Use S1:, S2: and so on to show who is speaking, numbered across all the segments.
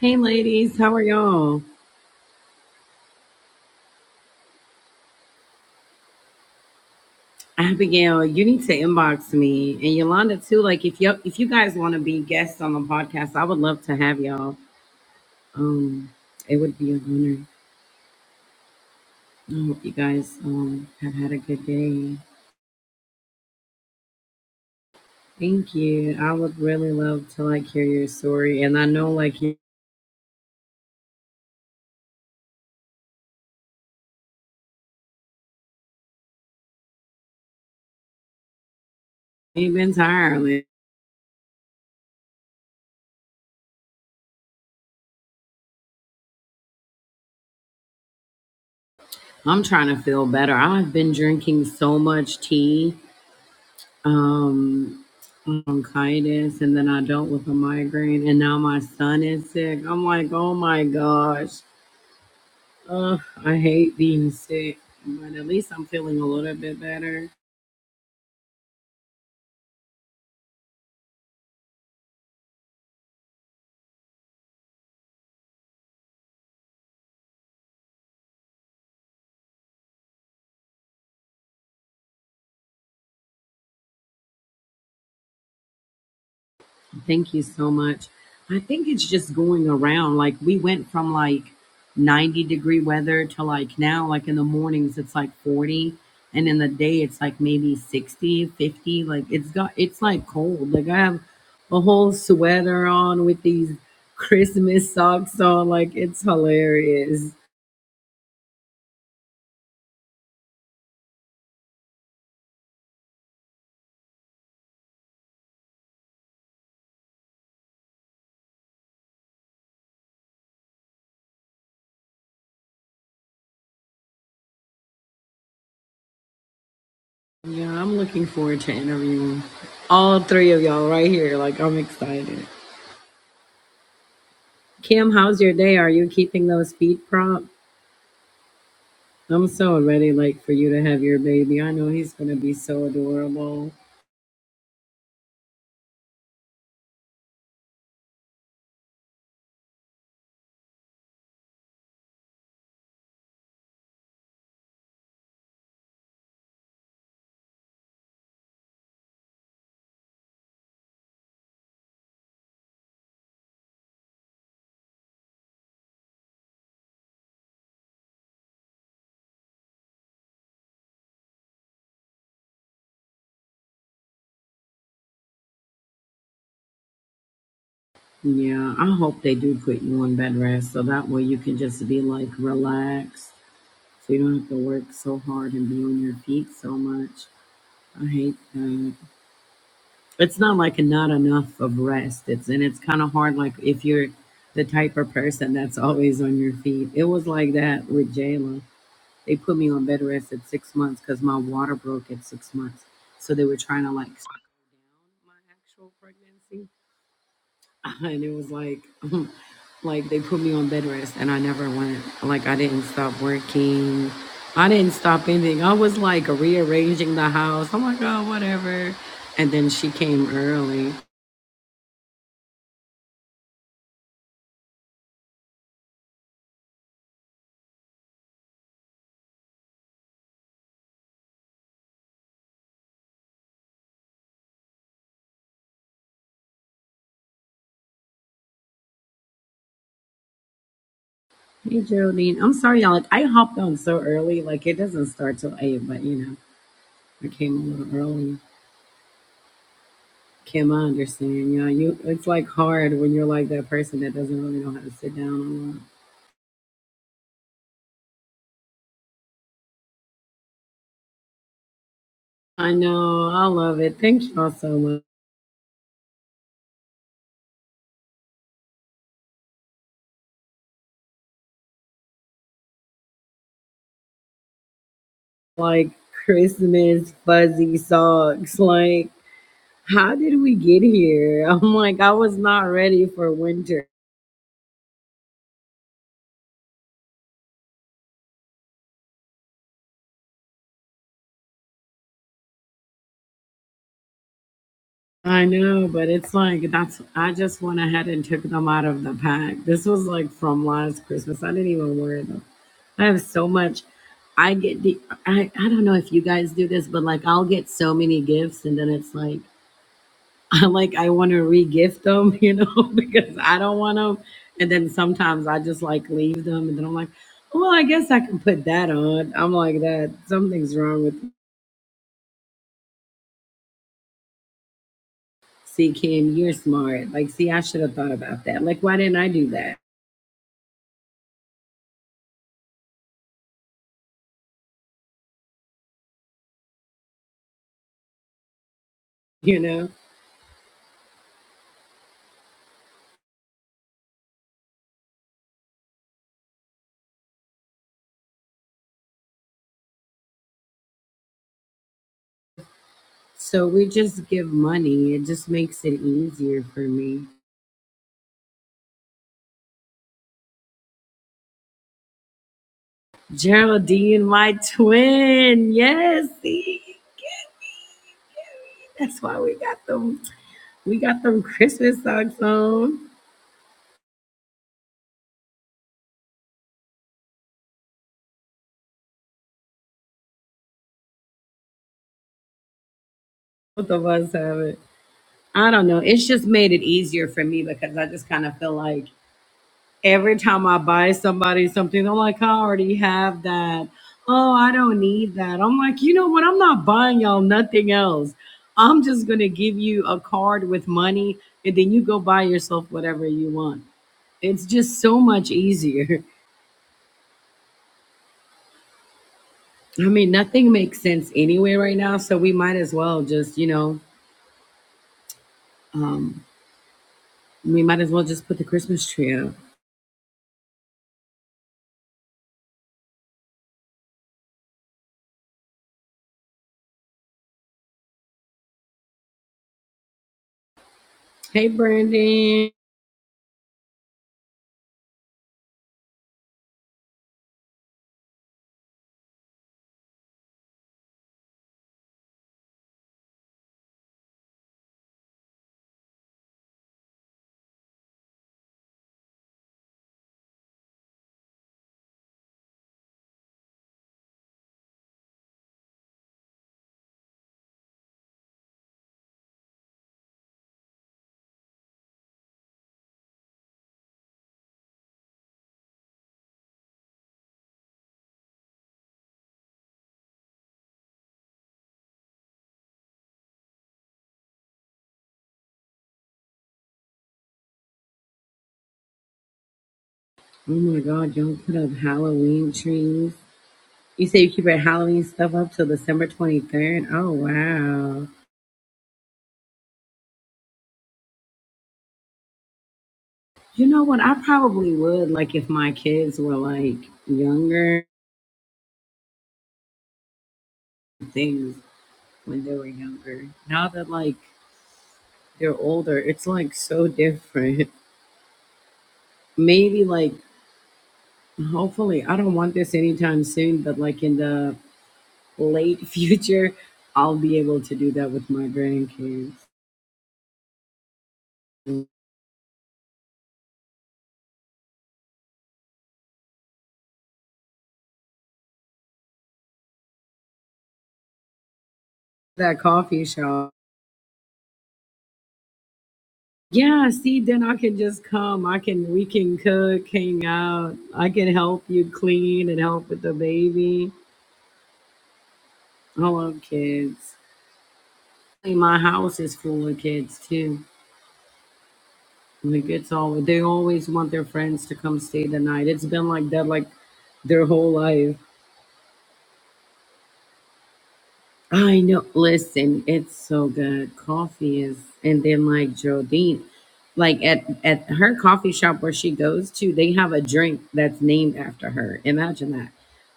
S1: Hey ladies, how are y'all? Abigail, you need to inbox me and Yolanda too. Like if you if you guys want to be guests on the podcast, I would love to have y'all. Um, it would be an honor. I hope you guys um have had a good day. Thank you. I would really love to like hear your story, and I know like you ain't been tired. Like, I'm trying to feel better. I've been drinking so much tea. Um, bronchitis and then I dealt with a migraine and now my son is sick. I'm like, oh my gosh. Ugh, I hate being sick, but at least I'm feeling a little bit better. Thank you so much. I think it's just going around. Like we went from like 90 degree weather to like now, like in the mornings, it's like 40. And in the day, it's like maybe 60, 50. Like it's got, it's like cold. Like I have a whole sweater on with these Christmas socks on. Like it's hilarious. Yeah, I'm looking forward to interviewing all three of y'all right here. Like I'm excited. Kim, how's your day? Are you keeping those feet propped? I'm so ready, like, for you to have your baby. I know he's going to be so adorable. Yeah, I hope they do put you on bed rest so that way you can just be like relaxed so you don't have to work so hard and be on your feet so much. I hate that. It's not like not enough of rest. It's and it's kind of hard like if you're the type of person that's always on your feet. It was like that with Jayla. They put me on bed rest at six months because my water broke at six months. So they were trying to like slow down my actual pregnancy. And it was like, like they put me on bed rest and I never went, like I didn't stop working. I didn't stop anything. I was like rearranging the house. I'm like, oh, whatever. And then she came early. Hey, Geraldine. I'm sorry, y'all. Like, I hopped on so early. Like, it doesn't start till 8, but you know, I came a little early. Kim, I understand. Yeah, you. It's like hard when you're like that person that doesn't really know how to sit down. a lot. I know. I love it. Thank y'all so much. Like Christmas fuzzy socks. Like, how did we get here? I'm like, I was not ready for winter. I know, but it's like that's. I just went ahead and took them out of the pack. This was like from last Christmas. I didn't even wear them. I have so much. I get the I, I don't know if you guys do this, but like I'll get so many gifts and then it's like I like I want to re-gift them, you know, because I don't want them. And then sometimes I just like leave them and then I'm like, oh, well, I guess I can put that on. I'm like that something's wrong with see Kim, you're smart. Like, see, I should have thought about that. Like, why didn't I do that? You know? So we just give money. It just makes it easier for me. Geraldine, my twin. Yes, see, that's why we got them. We got them Christmas socks on. Both of us have it. I don't know. It's just made it easier for me because I just kind of feel like every time I buy somebody something, I'm like, I already have that. Oh, I don't need that. I'm like, you know what? I'm not buying y'all nothing else. I'm just gonna give you a card with money, and then you go buy yourself whatever you want. It's just so much easier. I mean, nothing makes sense anyway right now, so we might as well just, you know, um, we might as well just put the Christmas tree up. Hey, Brandon. Oh my God, y'all put up Halloween trees. You say you keep your Halloween stuff up till December 23rd? Oh, wow. You know what? I probably would, like, if my kids were, like, younger things when they were younger. Now that, like, they're older, it's, like, so different. Maybe, like, Hopefully, I don't want this anytime soon, but like in the late future, I'll be able to do that with my grandkids. That coffee shop. Yeah, see, then I can just come. I can, we can cook, hang out. I can help you clean and help with the baby. I love kids. And My house is full of kids too. Like it's all, they always want their friends to come stay the night. It's been like that, like their whole life. I know. Listen, it's so good. Coffee is, and then like Geraldine, like at at her coffee shop where she goes to, they have a drink that's named after her. Imagine that.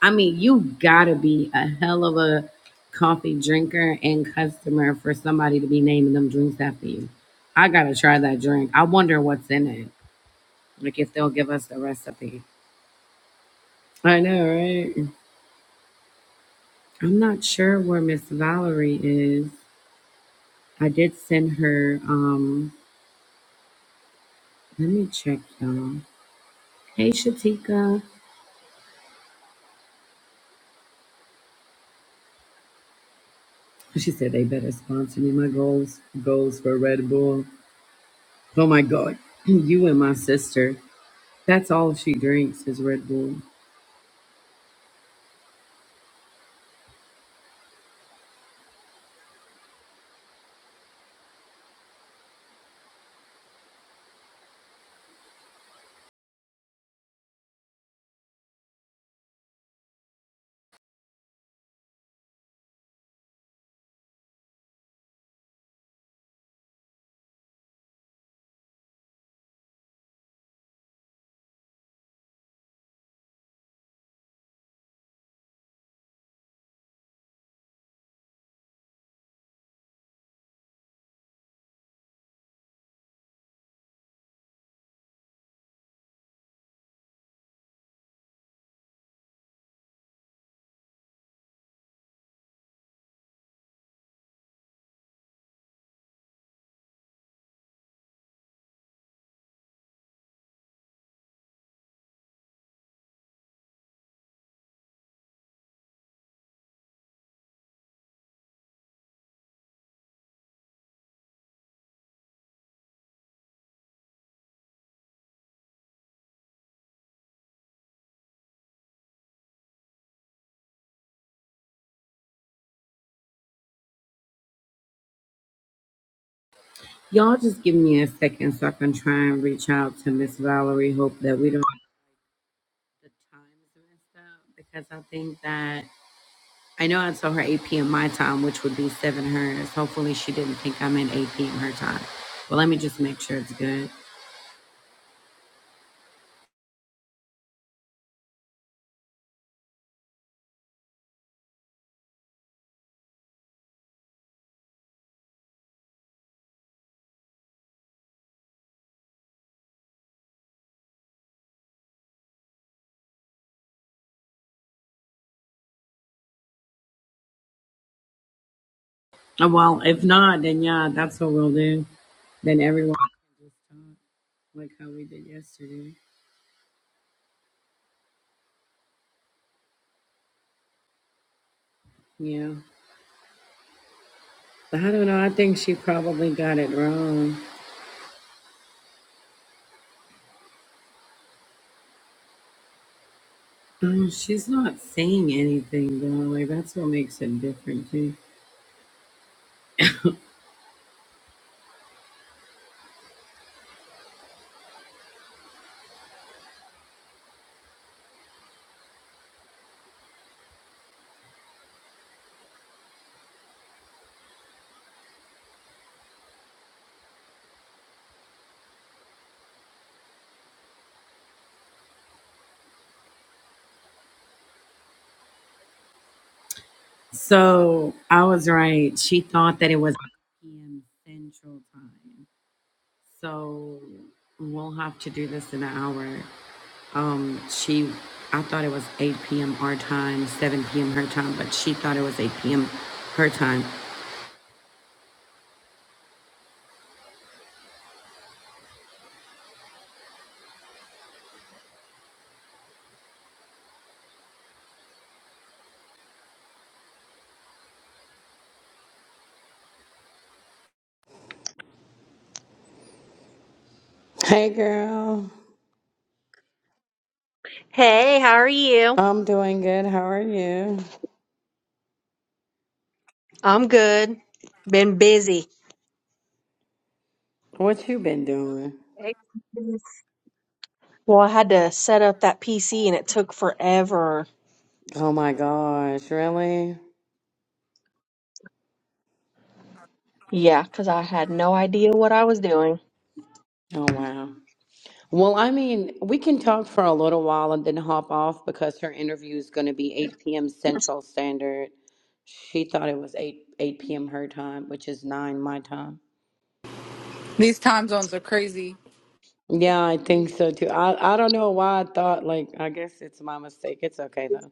S1: I mean, you gotta be a hell of a coffee drinker and customer for somebody to be naming them drinks after you. I gotta try that drink. I wonder what's in it. Like if they'll give us the recipe. I know, right? I'm not sure where Miss Valerie is. I did send her. Um, Let me check, y'all. Hey, Shatika. She said they better sponsor me. My goals goals for Red Bull. Oh my God, you and my sister. That's all she drinks is Red Bull. Y'all just give me a second so I can try and reach out to Miss Valerie. Hope that we don't get the times messed up because I think that I know I told her 8 p.m. my time, which would be seven hers. Hopefully, she didn't think I meant 8 p.m. her time. But let me just make sure it's good. Oh, Well, if not, then yeah, that's what we'll do. than everyone like how we did yesterday. Yeah. But I don't know. I think she probably got it wrong. Oh, she's not saying anything though. Like that's what makes it different too. So I was right. She thought that it was p.m. Central Time. So we'll have to do this in an hour. Um, she, I thought it was 8 p.m. our time, 7 p.m. her time, but she thought it was 8 p.m. her time. Hey, girl.
S2: Hey, how are you?
S1: I'm doing good. How are you?
S2: I'm good. Been busy.
S1: What you been doing?
S2: Well, I had to set up that PC and it took forever.
S1: Oh my gosh, really?
S2: Yeah, 'cause I had no idea what I was doing.
S1: Oh wow. Well, I mean, we can talk for a little while and then hop off because her interview is going to be 8 p.m. Central Standard. She thought it was 8 8 p.m. her time, which is 9 my time.
S3: These time zones are crazy.
S1: Yeah, I think so too. I I don't know why I thought like I guess it's my mistake. It's okay though.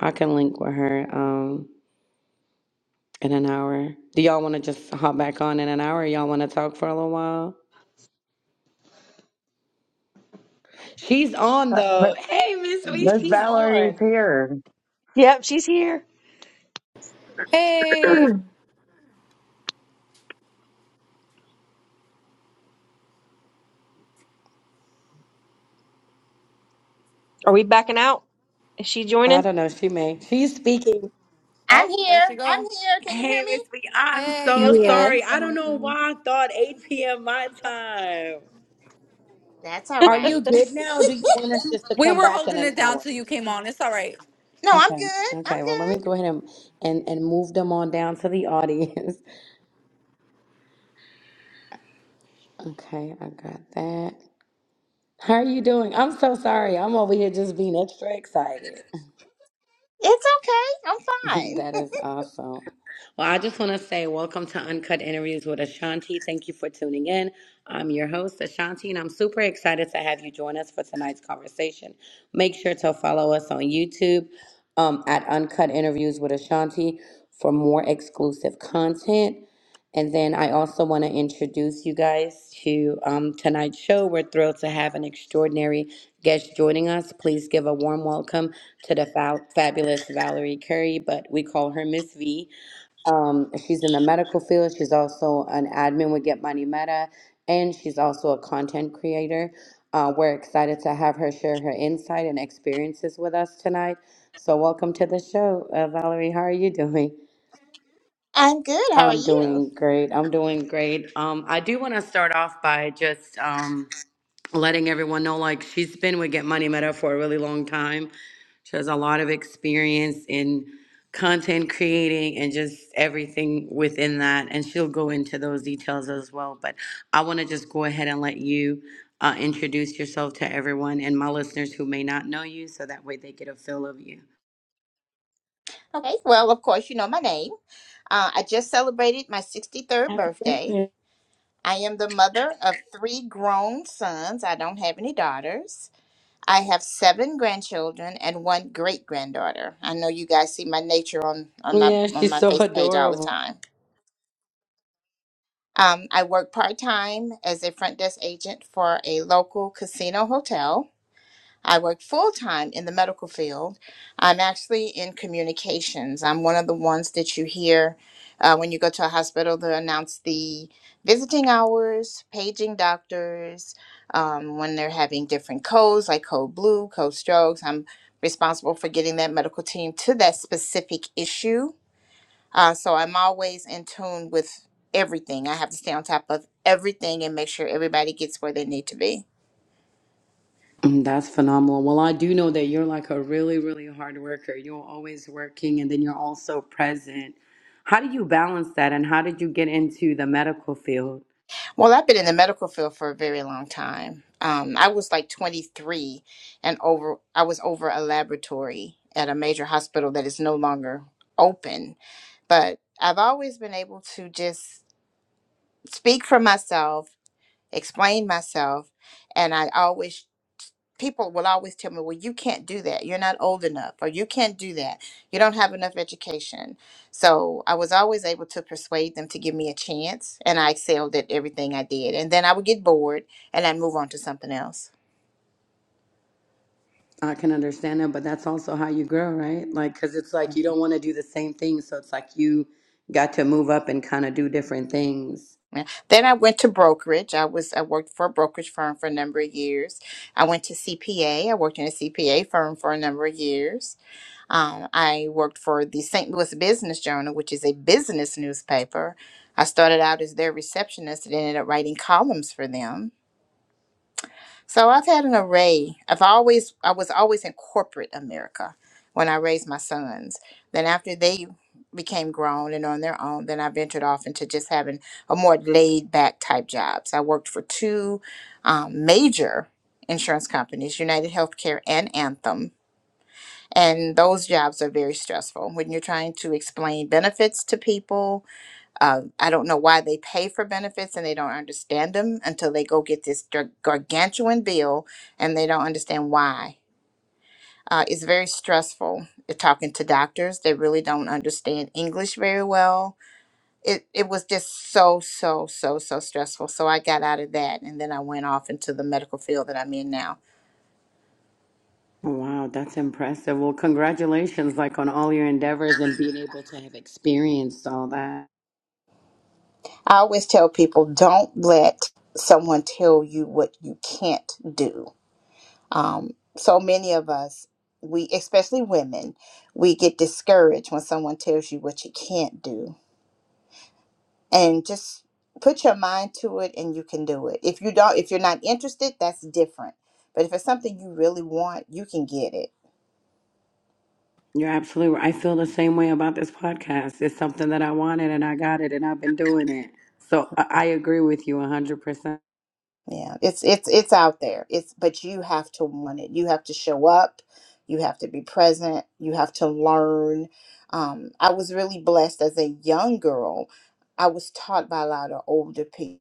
S1: I can link with her um in an hour. Do y'all want to just hop back on in an hour? Or Y'all want to talk for a little while? She's on
S4: Uh, but
S1: though. Hey, Miss Wee,
S4: Miss
S1: she's on.
S4: Valerie's here.
S2: Yep, she's here.
S3: Hey.
S2: Are we backing out? Is she
S1: I
S2: joining?
S1: don't know. She may. She's speaking.
S5: I'm
S3: Oh, there
S5: here.
S3: she
S5: I'm
S3: go.
S5: here. Can you hear
S1: Hey,
S5: me?
S1: Miss Wee, I'm
S3: Hey, yeah,
S1: so
S3: we
S2: Yeah.
S3: can.
S1: sorry. I don't know why I thought 8 p.m. my time.
S5: That's all
S1: Are you
S5: right.
S1: good now? Do you want us just to
S3: We
S1: come
S3: were
S1: back in
S3: holding
S1: an
S3: it down
S1: hour?
S3: till you came on. It's all right.
S5: no, I'm
S1: Okay.
S5: good. I'm
S1: Okay. Well, let me
S5: good.
S1: go ahead and and, and move them on down to the audience. Okay, I got that. How are you doing? I'm so sorry. I'm over here just being extra excited.
S5: It's okay. I'm fine.
S1: That is awesome. Well, I just want to say welcome to Uncut Interviews with Ashanti. Thank you for tuning in. I'm your host, Ashanti, and I'm super excited to have you join us for tonight's conversation. Make sure to follow us on YouTube um, at Uncut Interviews with Ashanti for more exclusive content. And then I also want to introduce you guys to um, tonight's show. We're thrilled to have an extraordinary guest joining us. Please give a warm welcome to the fa- fabulous Valerie Curry, but we call her Miss V. Um, she's in the medical field. She's also an admin with Get Money Meta, and she's also a content creator. Uh, we're excited to have her share her insight and experiences with us tonight. So, welcome to the show, uh, Valerie. How are you doing?
S5: I'm good. How are
S1: I'm
S5: you?
S1: doing great. I'm doing great. Um, I do want to start off by just um, letting everyone know like she's been with Get Money Meta for a really long time. She has a lot of experience in content creating and just everything within that. And she'll go into those details as well. But I want to just go ahead and let you uh, introduce yourself to everyone and my listeners who may not know you so that way they get a feel of you.
S5: Okay. Well, of course, you know my name. Uh, I just celebrated my 63rd
S1: Happy
S5: birthday.
S1: birthday.
S5: I am the mother of three grown sons. I don't have any daughters. I have seven grandchildren and one great granddaughter. I know you guys see my nature on, on my
S1: Yeah,
S5: on
S1: she's
S5: my
S1: so
S5: face page all the
S1: adorable.
S5: time. Um, I work part time as a front desk agent for a local casino hotel. I work full time in the medical field. I'm actually in communications. I'm one of the ones that you hear uh, when you go to a hospital to announce the visiting hours, paging doctors, um, when they're having different codes like code blue, code strokes. I'm responsible for getting that medical team to that specific issue uh, so I'm always in tune with everything. I have to stay on top of everything and make sure everybody gets where they need to be.
S1: Mm, That's phenomenal. Well, I do know that you're like a really, really hard worker. You're always working and then you're also present. How do you balance that and how did you get into the medical field?
S5: Well, I've been in the medical field for a very long time. Um, I was like 23 and over, I was over a laboratory at a major hospital that is no longer open. But I've always been able to just speak for myself, explain myself, and I always people will always tell me, well, you can't do that. You're not old enough, or you can't do that. You don't have enough education. So I was always able to persuade them to give me a chance, and I excelled at everything I did. And then I would get bored and I'd move on to something else.
S1: I can understand that, but that's also how you grow, right? Like, because it's like you don't want to do the same thing. So it's like you got to move up and kind of do different things.
S5: Yeah. Then I went to brokerage. I was I worked for a brokerage firm for a number of years. I went to CPA. I worked in a CPA firm for a number of years. Um, I worked for the St. Louis Business Journal, which is a business newspaper. I started out as their receptionist and ended up writing columns for them. So I've had an array. I've always, I was always in corporate America when I raised my sons. Then after they became grown and on their own, then I ventured off into just having a more laid back type jobs. I worked for two um, major insurance companies, United Healthcare and Anthem and those jobs are very stressful when you're trying to explain benefits to people. Uh, I don't know why they pay for benefits and they don't understand them until they go get this gar- gargantuan bill and they don't understand why. Uh, it's very stressful uh, talking to doctors. They really don't understand English very well. It, it was just so, so, so, so stressful. So I got out of that and then I went off into the medical field that I'm in now
S1: Wow, that's impressive. Well, congratulations, like on all your endeavors and being able to have experienced all that.
S5: I always tell people don't let someone tell you what you can't do. Um, so many of us, we especially women, we get discouraged when someone tells you what you can't do. And just put your mind to it and you can do it. If you don't if you're not interested, that's different. But if it's something you really want, you can get it
S1: You're absolutely right. I feel the same way about this podcast. It's something that I wanted and I got it and I've been doing it. So I I agree with you 100%.
S5: Yeah, it's it's it's out there. It's but you have to want it. You have to show up. You have to be present. You have to learn. Um, I was really blessed as a young girl. I was taught by a lot of older people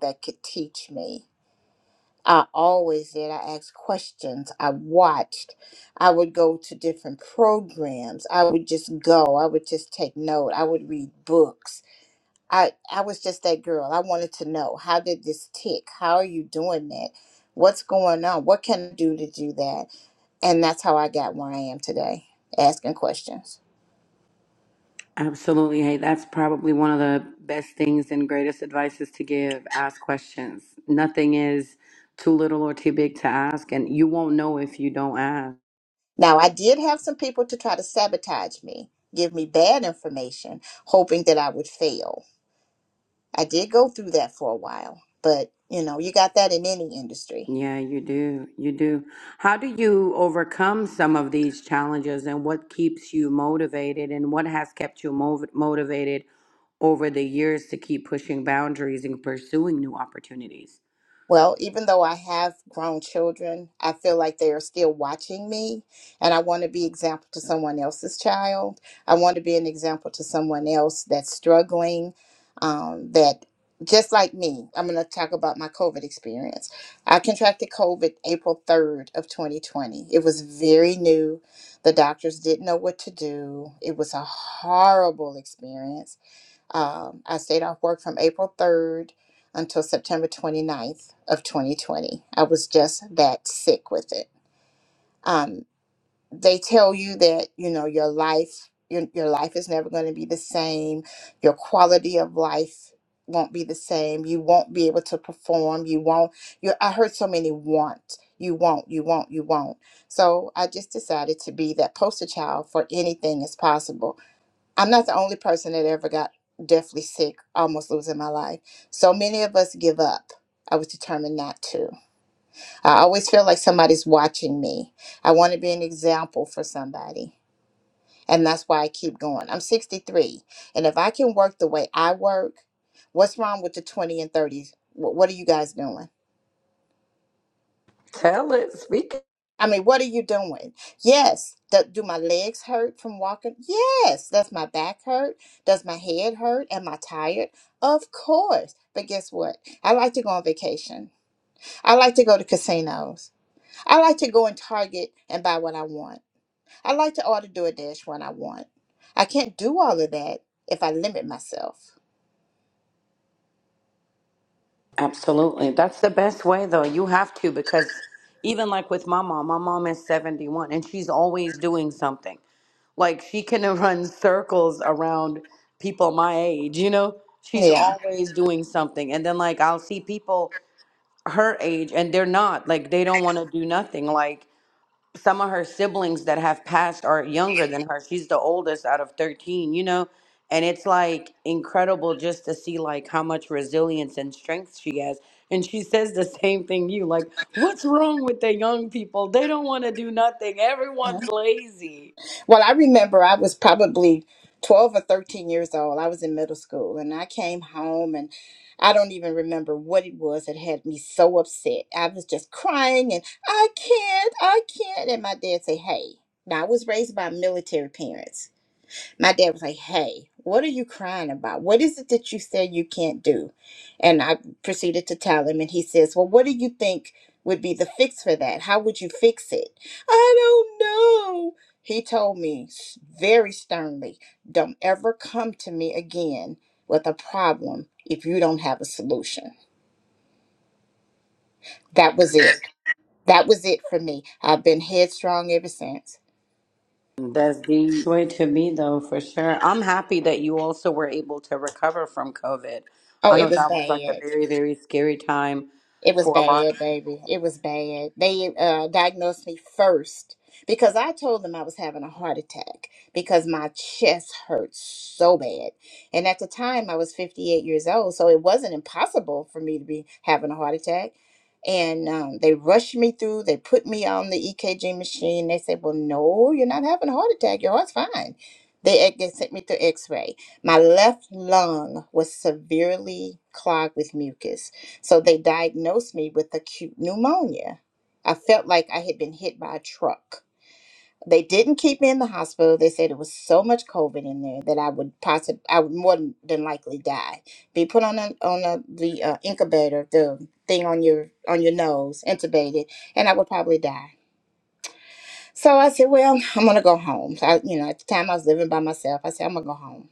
S5: that could teach me. I always did. I asked questions. I watched. I would go to different programs. I would just go. I would just take note. I would read books I I was just that girl. I wanted to know how did this tick? How are you doing that? What's going on? What can I do to do that? And that's how I got where I am today, asking questions.
S1: Absolutely. Hey, that's probably one of the best things and greatest advices to give. Ask questions. Nothing is too little or too big to ask, and you won't know if you don't ask.
S5: Now I did have some people to try to sabotage me, give me bad information, hoping that I would fail. I did go through that for a while, but you know, you got that in any industry.
S1: Yeah, you do. You do. How do you overcome some of these challenges and what keeps you motivated and what has kept you mov- motivated over the years to keep pushing boundaries and pursuing new opportunities.
S5: Well, even though I have grown children, I feel like they are still watching me, and I want to be example to someone else's child. I want to be an example to someone else that's struggling, um, that just like me. I'm going to talk about my COVID experience. I contracted COVID April 3rd of 2020. It was very new. The doctors didn't know what to do. It was a horrible experience um, I stayed off work from April 3rd until September 29th of 2020. I was just that sick with it. Um, they tell you that you know your life, your, your life is never going to be the same. Your quality of life won't be the same. You won't be able to perform. You won't. You. I heard so many want. You won't. You won't. You won't. So I just decided to be that poster child for anything is possible I'm not the only person that ever got deathly sick, almost losing my life. So many of us give up. I was determined not to. I always feel like somebody's watching me. I want to be an example for somebody. And that's why I keep going. I'm 63. And if I can work the way I work, what's wrong with the 20 and 30s? Wh- What are you guys doing?
S1: Tell it. Speak it.
S5: I mean, what are you doing? Yes. Do, do my legs hurt from walking? Yes. Does my back hurt? Does my head hurt? Am I tired? Of course. But guess what? I like to go on vacation. I like to go to casinos. I like to go in Target and buy what I want. I like to order DoorDash when I want. I can't do all of that if I limit myself.
S1: Absolutely. That's the best way, though. You have to, because even like with my mom, my mom is 71 and she's always doing something. Like she can run circles around people my age, you know? She's
S5: Yeah.
S1: always doing something. And then, like, I'll see people her age and they're not, like, they don't want to do nothing. Like. some of her siblings that have passed are younger than her. She's the oldest out of 13, you know? And it's like incredible just to see like how much resilience and strength she has. And she says the same thing you like, what's wrong with the young people? They don't want to do nothing.
S5: Mm-hmm.
S1: Everyone's lazy.
S5: Well, I remember I was probably 12 or 13 years old. I was in middle school and I came home and I don't even remember what it was that had me so upset. I was just crying and I can't, I can't. And my dad said, Hey, now I was raised by military parents my dad was like, Hey, what are you crying about? What is it that you said you can't do? And I proceeded to tell him, and he says, Well, what do you think would be the fix for that? How would you fix it? I don't know. He told me s- very sternly, Don't ever come to me again with a problem if you don't have a solution. That was it. That was it for me. I've been headstrong ever since.
S1: That's the way to be though, for sure. I'm happy that you also were able to recover from COVID.
S5: Oh,
S1: I
S5: it
S1: know
S5: was
S1: that was like a
S5: bad.
S1: very, very scary time
S5: It was
S1: for a lot.
S5: bad, baby. It was bad. They uh, diagnosed me first because I told them I was having a heart attack because my chest hurt so bad. And at the time, I was 58 years old, so it wasn't impossible for me to be having a heart attack. And um, they rushed me through. They put me on the EKG machine. They said, "Well, no, you're not having a heart attack. Your heart's fine." They, e, they sent me through X-ray. My left lung was severely clogged with mucus so they diagnosed me with acute pneumonia. I felt like I had been hit by a truck. They didn't keep me in the hospital. They said it was so much COVID in there that I would possibly, I would more than than likely die, be put on a, on a, the uh, incubator, the thing on your on your nose, intubated, and I would probably die. So I said, well, I'm gonna go home. So I, you know, at the time I was living by myself. I said, I'm gonna go home.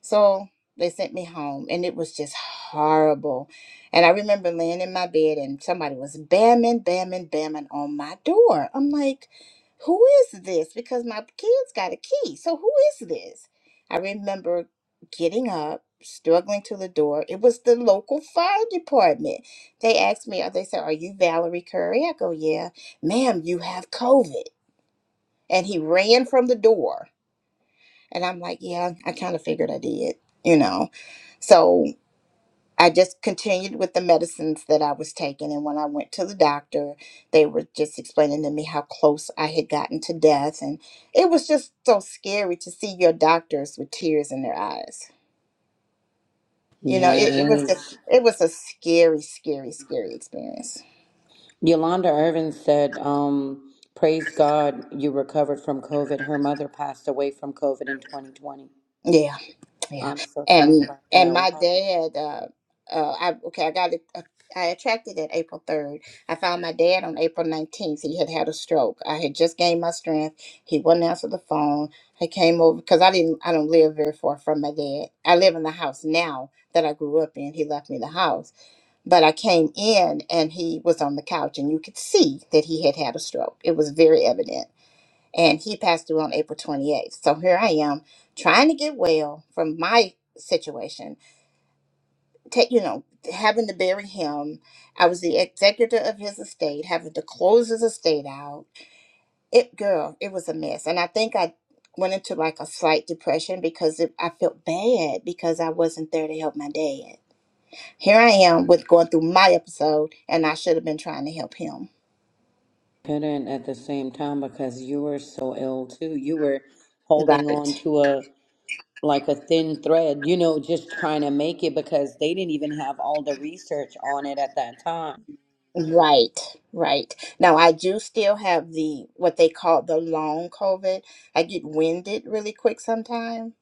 S5: So they sent me home, and it was just horrible. And I remember laying in my bed, and somebody was bamming, bamming, bamming on my door. I'm like, who is this? Because my kids got a key. So who is this? I remember getting up, struggling to the door. It was the local fire department. They asked me, they said, Are you Valerie Curry? I go, Yeah. Ma'am, you have COVID. And he ran from the door. And I'm like, yeah, I kind of figured I did, you know. So I just continued with the medicines that I was taking. And when I went to the doctor, they were just explaining to me how close I had gotten to death. And it was just so scary to see your doctors with tears in their eyes. You know,
S1: Yeah,
S5: it, it
S1: it
S5: was just,
S1: is.
S5: it was a scary, scary, scary experience.
S1: Yolanda Irvin said, um, Praise God, you recovered from COVID. Her mother passed away from COVID in 2020.
S5: Yeah. yeah
S1: I'm so sorry
S5: and
S1: about
S5: and
S1: that.
S5: my
S1: Wow.
S5: dad uh uh i okay i got it uh, i attracted it april 3rd i found my dad on april 19th he had had a stroke i had just gained my strength he wouldn't answer the phone i came over because i didn't i don't live very far from my dad i live in the house now that i grew up in he left me the house but i came in and he was on the couch and you could see that he had had a stroke it was very evident and he passed away on April 28th. So here I am trying to get well from my situation. Take you know, having to bury him. I was the executor of his estate, having to close his estate out. It girl, it was a mess, and I think I went into like a slight depression because it, I felt bad because I wasn't there to help my dad. Here I am with going through my episode, and I should have been trying to help him.
S1: Couldn't at the same time because you were so ill too. You were holding
S5: Right.
S1: on to a like a thin thread, you know, just trying to make it because they didn't even have all the research on it at that time.
S5: Right, right. Now I do still have the what they call the long COVID. I get winded really quick sometimes.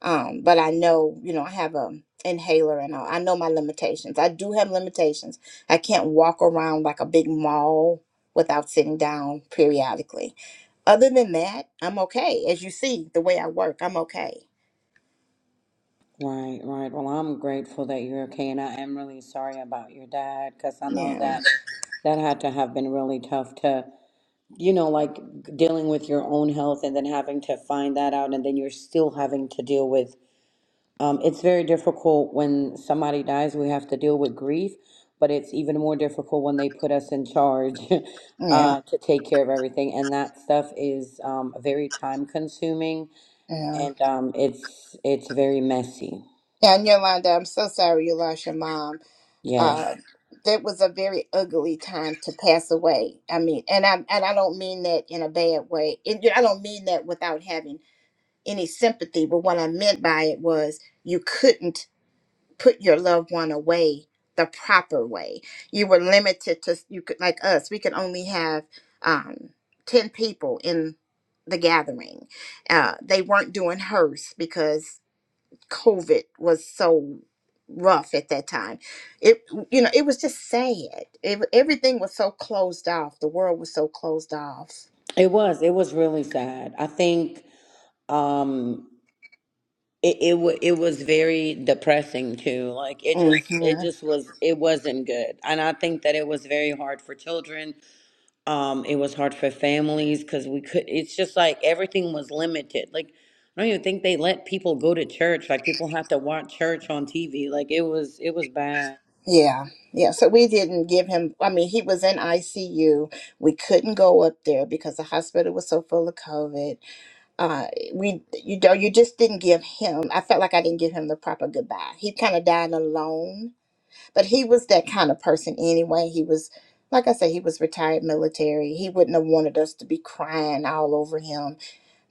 S5: Um, but I know, you know, I have a inhaler and all. I know my limitations. I do have limitations. I can't walk around like a big mall without sitting down periodically. Other than that, I'm okay. As you see, the way I work, I'm okay.
S1: Right, right. Well, I'm grateful that you're okay, and I am really sorry about your dad because I know
S5: Yeah.
S1: that that had to have been really tough to you know, like dealing with your own health and then having to find that out, and then you're still having to deal with. Um, it's very difficult when somebody dies. We have to deal with grief, but it's even more difficult when they put us in charge
S5: Yeah.
S1: uh, to take care of everything, and that stuff is um, very time consuming
S5: Yeah.
S1: and um, it's it's very messy.
S5: Yeah, and Yolanda, I'm so sorry you lost your mom.
S1: Yes,
S5: uh, that was a very ugly time to pass away. I mean, and I and I don't mean that in a bad way. It, I don't mean that without having any sympathy. But what I meant by it was you couldn't put your loved one away the proper way. You were limited to you could like us. We could only have um, ten people in the gathering. Uh, they weren't doing hearse because COVID was so rough at that time. It you know, it was just sad. Ev everything was so closed off. The world was so closed off.
S1: it was. It was really sad. I think. Um, it it, wa it was very depressing too like it
S5: hmm
S1: just it just was it wasn't good and i think that it was very hard for children um it was hard for families because we could it's just like everything was limited like i don't even think they let people go to church like people had to watch church on tv like it was it was bad
S5: Yeah. Yeah. So we didn't give him I mean, he was in ICU. We couldn't go up there because the hospital was so full of COVID. Uh we you know, you just didn't give him I felt like I didn't give him the proper goodbye. He kind of died alone but he was that kind of person anyway. He was, like I said, he was retired military. He wouldn't have wanted us to be crying all over him,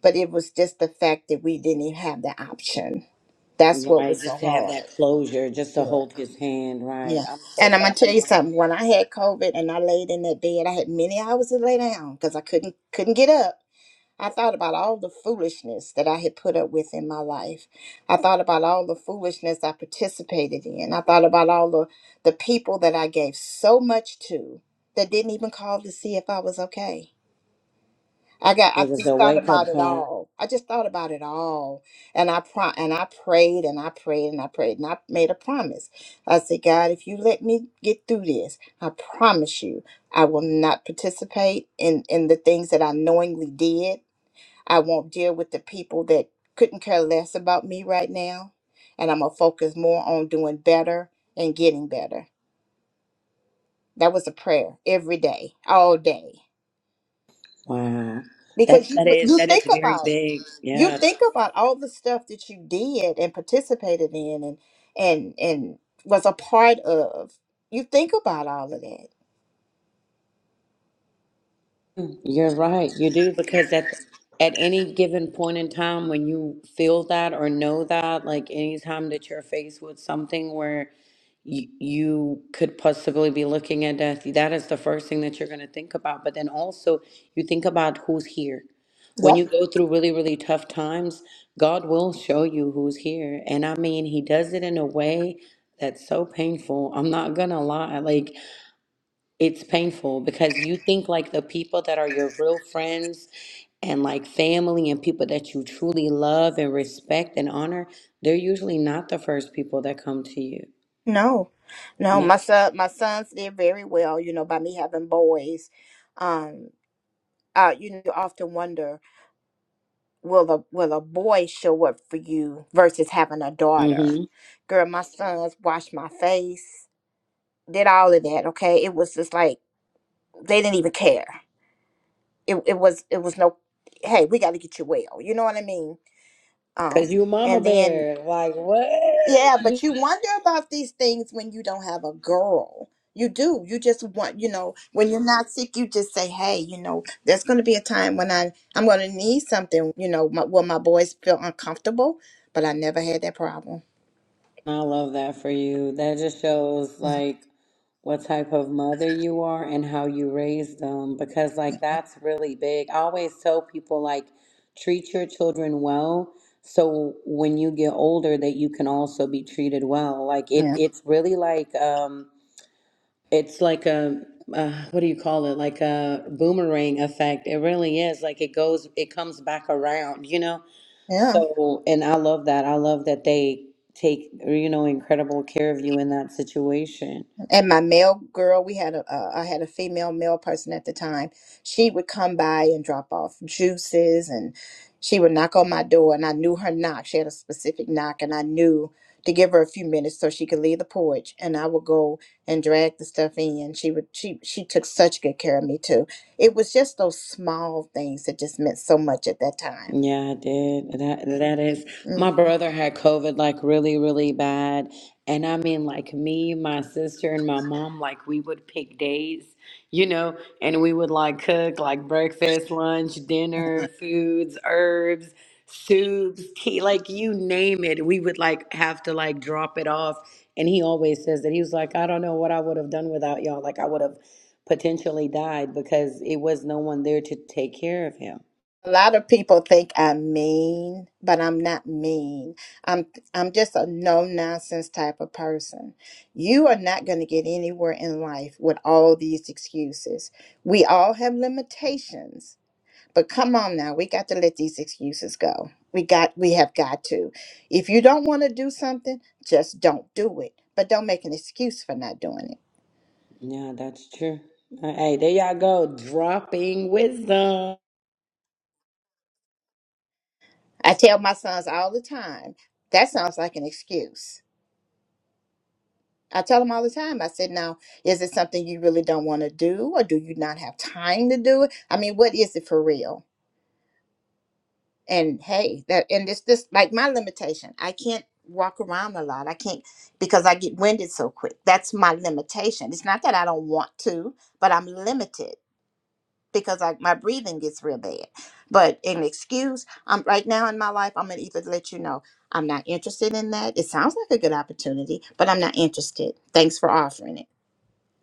S5: but it was just the fact that we didn't even have the option. That's what
S1: right
S5: was so
S1: just to have
S5: hard.
S1: that closure just to
S5: Yeah,
S1: hold his hand right
S5: yeah.
S1: i'm so
S5: And I'm
S1: sorry
S5: gonna
S1: i
S5: tell you
S1: know
S5: something. When I had COVID and I laid in that bed, I had many hours to lay down because I couldn't couldn't get up. I thought about all the foolishness that I had put up with in my life. I thought about all the foolishness I participated in. I thought about all the, the people that I gave so much to that didn't even call to see if I was okay. I got
S1: it
S5: I
S1: was
S5: just
S1: a
S5: thought about
S1: wake-up
S5: it
S1: call
S5: all. I just thought about it all. And I pro- and I prayed and I prayed and I prayed and I made a promise. I said, God, if you let me get through this, I promise you I will not participate in, in the things that I knowingly did I won't deal with the people that couldn't care less about me right now. And I'm going to focus more on doing better and getting better. That was a prayer every day, all day.
S1: wow that's
S5: Because you
S1: that is
S5: you
S1: that is
S5: think
S1: very
S5: about
S1: big.
S5: you
S1: Yeah,
S5: think about all the stuff that you did and participated in and and and was a part of. You think about all of that.
S1: You're right. You do because at at any given point in time when you feel that or know that, like any time that you're faced with something where you, you could possibly be looking at death, that is the first thing that you're going to think about. But then also you think about who's here. When you
S5: Yep.
S1: go through really, really tough times, God will show you who's here. And I mean, He does it in a way that's so painful. I'm not going to lie. Like it's painful because you think like the people that are your real friends and like family and people that you truly love and respect and honor, they're usually not the first people that come to you.
S5: No. No,
S1: Yeah.
S5: my son my sons did very well, you know, by me having boys. Um uh, you know, you often wonder will a will a boy show up for you versus having a daughter
S1: Mm-hmm.
S5: girl my sons washed my face did all of that okay it was just like they didn't even care it, it was it was no hey we got to get you well you know what i mean
S1: Cause
S5: um
S1: you mama
S5: and then
S1: bear. Like what?
S5: Yeah, but you wonder about these things when you don't have a girl. You do. You just want, you know, when you're not sick, you just say, "Hey, you know, there's going to be a time when I I'm going to need something, you know, my, will my boys feel uncomfortable?" But I never had that problem.
S1: I love that for you. That just shows like what type of mother you are and how you raise them because like that's really big. I always tell people like treat your children well so when you get older that you can also be treated well. Like it
S5: Yeah.
S1: it's really like um it's like a uh, what do you call it? Like a boomerang effect. It really is. Like it goes, it comes back around, you know?
S5: Yeah.
S1: So, and I love that. I love that they take, you know, incredible care of you in that situation.
S5: and my male girl we had a uh, i had a female male person at the time she would come by and drop off juices and she would knock on my door and i knew her knock she had a specific knock and i knew to give her a few minutes so she could leave the porch and i would go and drag the stuff in she would she she took such good care of me too it was just those small things that just meant so much at that time
S1: Yeah, I did. That that is
S5: Mm-hmm.
S1: my brother had COVID like really, really bad. And I mean like me, my sister and my mom, like we would pick days, you know, and we would like cook like breakfast, lunch, dinner, foods, herbs, soups, tea, like you name it. We would like have to like drop it off. And he always says that he was like, I don't know what I would have done without y'all. Like I would have potentially died because it was no one there to take care of him.
S5: A lot of people think I'm mean, but I'm not mean. I'm I'm just a no nonsense type of person. You are not going to get anywhere in life with all these excuses. We all have limitations, but come on now, we got to let these excuses go. We got we have got to. If you don't want to do something, just don't do it. But don't make an excuse for not doing it.
S1: Yeah, that's true. Uh, Hey, there y'all go, dropping wisdom.
S5: I tell my sons all the time, that sounds like an excuse I tell them all the time. I said, now, is it something you really don't want to do, or do you not have time to do it? I mean, what is it for real? And hey, that and it's just like my limitation. I can't walk around a lot. I can't because I get winded so quick. That's my limitation. It's not that I don't want to, but I'm limited because I, my breathing gets real bad. But an excuse, I'm right now in my life. I'm gonna either let you know I'm not interested in that. It sounds like a good opportunity, but I'm not interested. Thanks for offering it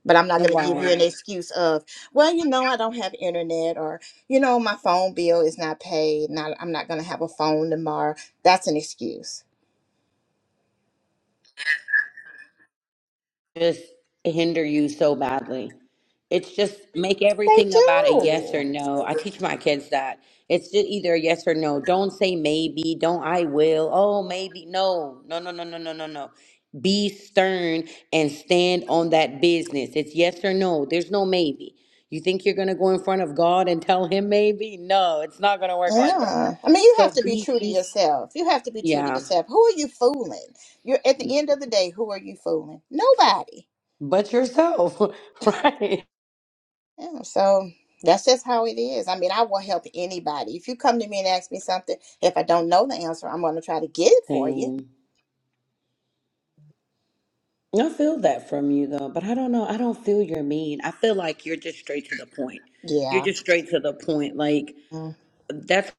S5: but I'm not going to give you
S1: Right.
S5: an Right. excuse of, well, you know, I don't have internet or, you know, my phone bill is not paid. Not, I'm not going to have a phone tomorrow. That's an excuse.
S1: just hinder you so badly. It's just make
S5: They
S1: everything about a yes or
S5: do.
S1: no. I teach my kids that. It's just either a yes or no. Don't say maybe. Don't I will. Oh, maybe. No, no, no, no, no, no, no, no. Be stern and stand on that business. It's yes or no. There's no maybe. You think you're gonna go in front of God and tell him maybe? No, it's not gonna work like that.
S5: Yeah. I mean, you
S1: So
S5: have to be
S1: be
S5: true to
S1: be
S5: yourself. You have to be true to
S1: yeah.
S5: yourself. Who are you fooling? You're at the end of the day, who are you fooling? Nobody.
S1: But yourself, right?
S5: Yeah, so that's just how it is. I mean, I will help anybody. If you come to me and ask me something, if I don't know the answer, I'm going to try to get it for you.
S1: Same. I feel that from you though, but I don't know. I don't feel you're mean. I feel like you're just straight to the point. You're
S5: Yeah.
S1: just straight to the point. Like
S5: Mm.
S1: that's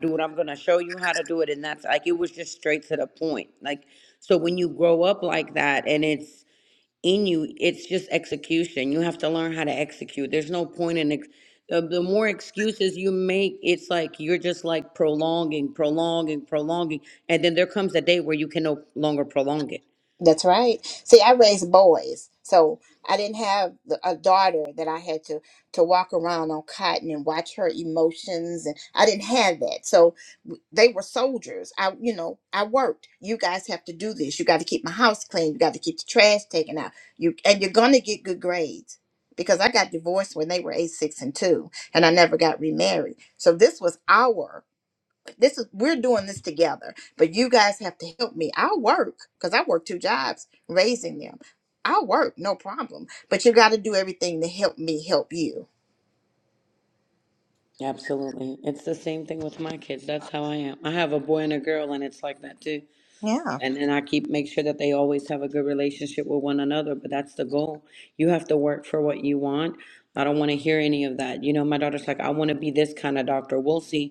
S1: dude, I'm gonna show you how to do it. And that's like it was just straight to the point. Like so when you grow up like that and it's in you, it's just execution. You have to learn how to execute. There's no point in ex- the, the more excuses you make, it's like you're just like prolonging, prolonging, prolonging, and then there comes a day where you can no longer prolong it
S5: That's right. See, I raised boys, so I didn't have the- a daughter that I had to to walk around on cotton and watch her emotions, and I didn't have that. So w- they were soldiers. I, you know, I worked. You guys have to do this. You got to keep my house clean. You got to keep the trash taken out. You and you're gonna get good grades because I got divorced when they were eight, six, and two, and I never got remarried. So this was our this is we're doing this together but you guys have to help me i will work because i work two jobs raising them i will work no problem but you got to do everything to help me help you
S1: Absolutely. It's the same thing with my kids. That's how I am. I have a boy and a girl and it's like that too.
S5: Yeah.
S1: And and I keep make sure that they always have a good relationship with one another, but that's the goal. You have to work for what you want. I don't want to hear any of that. You know, my daughter's like, I want to be this kind of doctor. We'll see.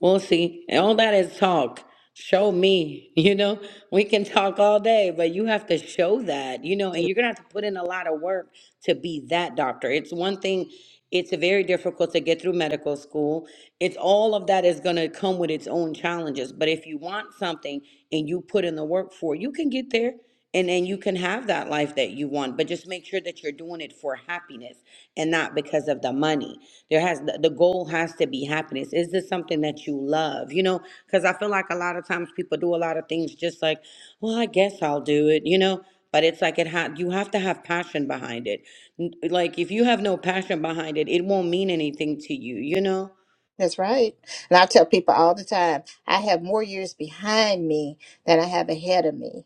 S1: We'll see. And all that is talk. Show me, you know, we can talk all day, but you have to show that, you know, and you're going to have to put in a lot of work to be that doctor. It's one thing, it's very difficult to get through medical school. It's all of that is going to come with its own challenges. But if you want something and you put in the work for it, you can get there and and you can have that life that you want but just make sure that you're doing it for happiness and not because of the money there has the, the goal has to be happiness is this something that you love you know because i feel like a lot of times people do a lot of things just like well i guess i'll do it you know but it's like it ha- you have to have passion behind it N- like if you have no passion behind it it won't mean anything to you you know
S5: that's right and i tell people all the time i have more years behind me than i have ahead of me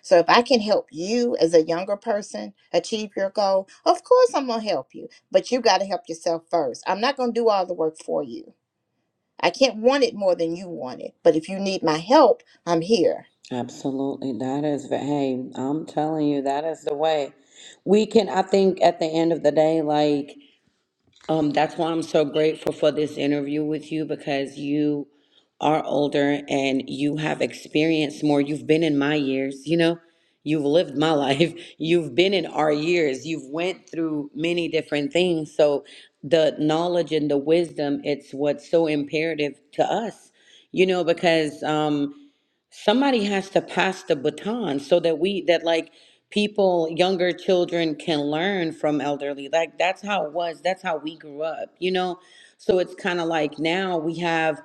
S5: so if i can help you as a younger person achieve your goal of course i'm going to help you but you got to help yourself first i'm not going to do all the work for you I can't want it more than you want it. But if you need my help, I'm here.
S1: Absolutely. That is, the- hey, I'm telling you, that is the way. We can, I think at the end of the day, like, um, that's why I'm so grateful for this interview with you because you are older and you have experienced more. You've been in my years, you know, you've lived my life. You've been in our years. You've went through many different things. So the knowledge and the wisdom, it's what's so imperative to us, you know, because, um, somebody has to pass the baton so that we that like people younger children can learn from elderly like that's how it was that's how we grew up you know so it's kind of like now we have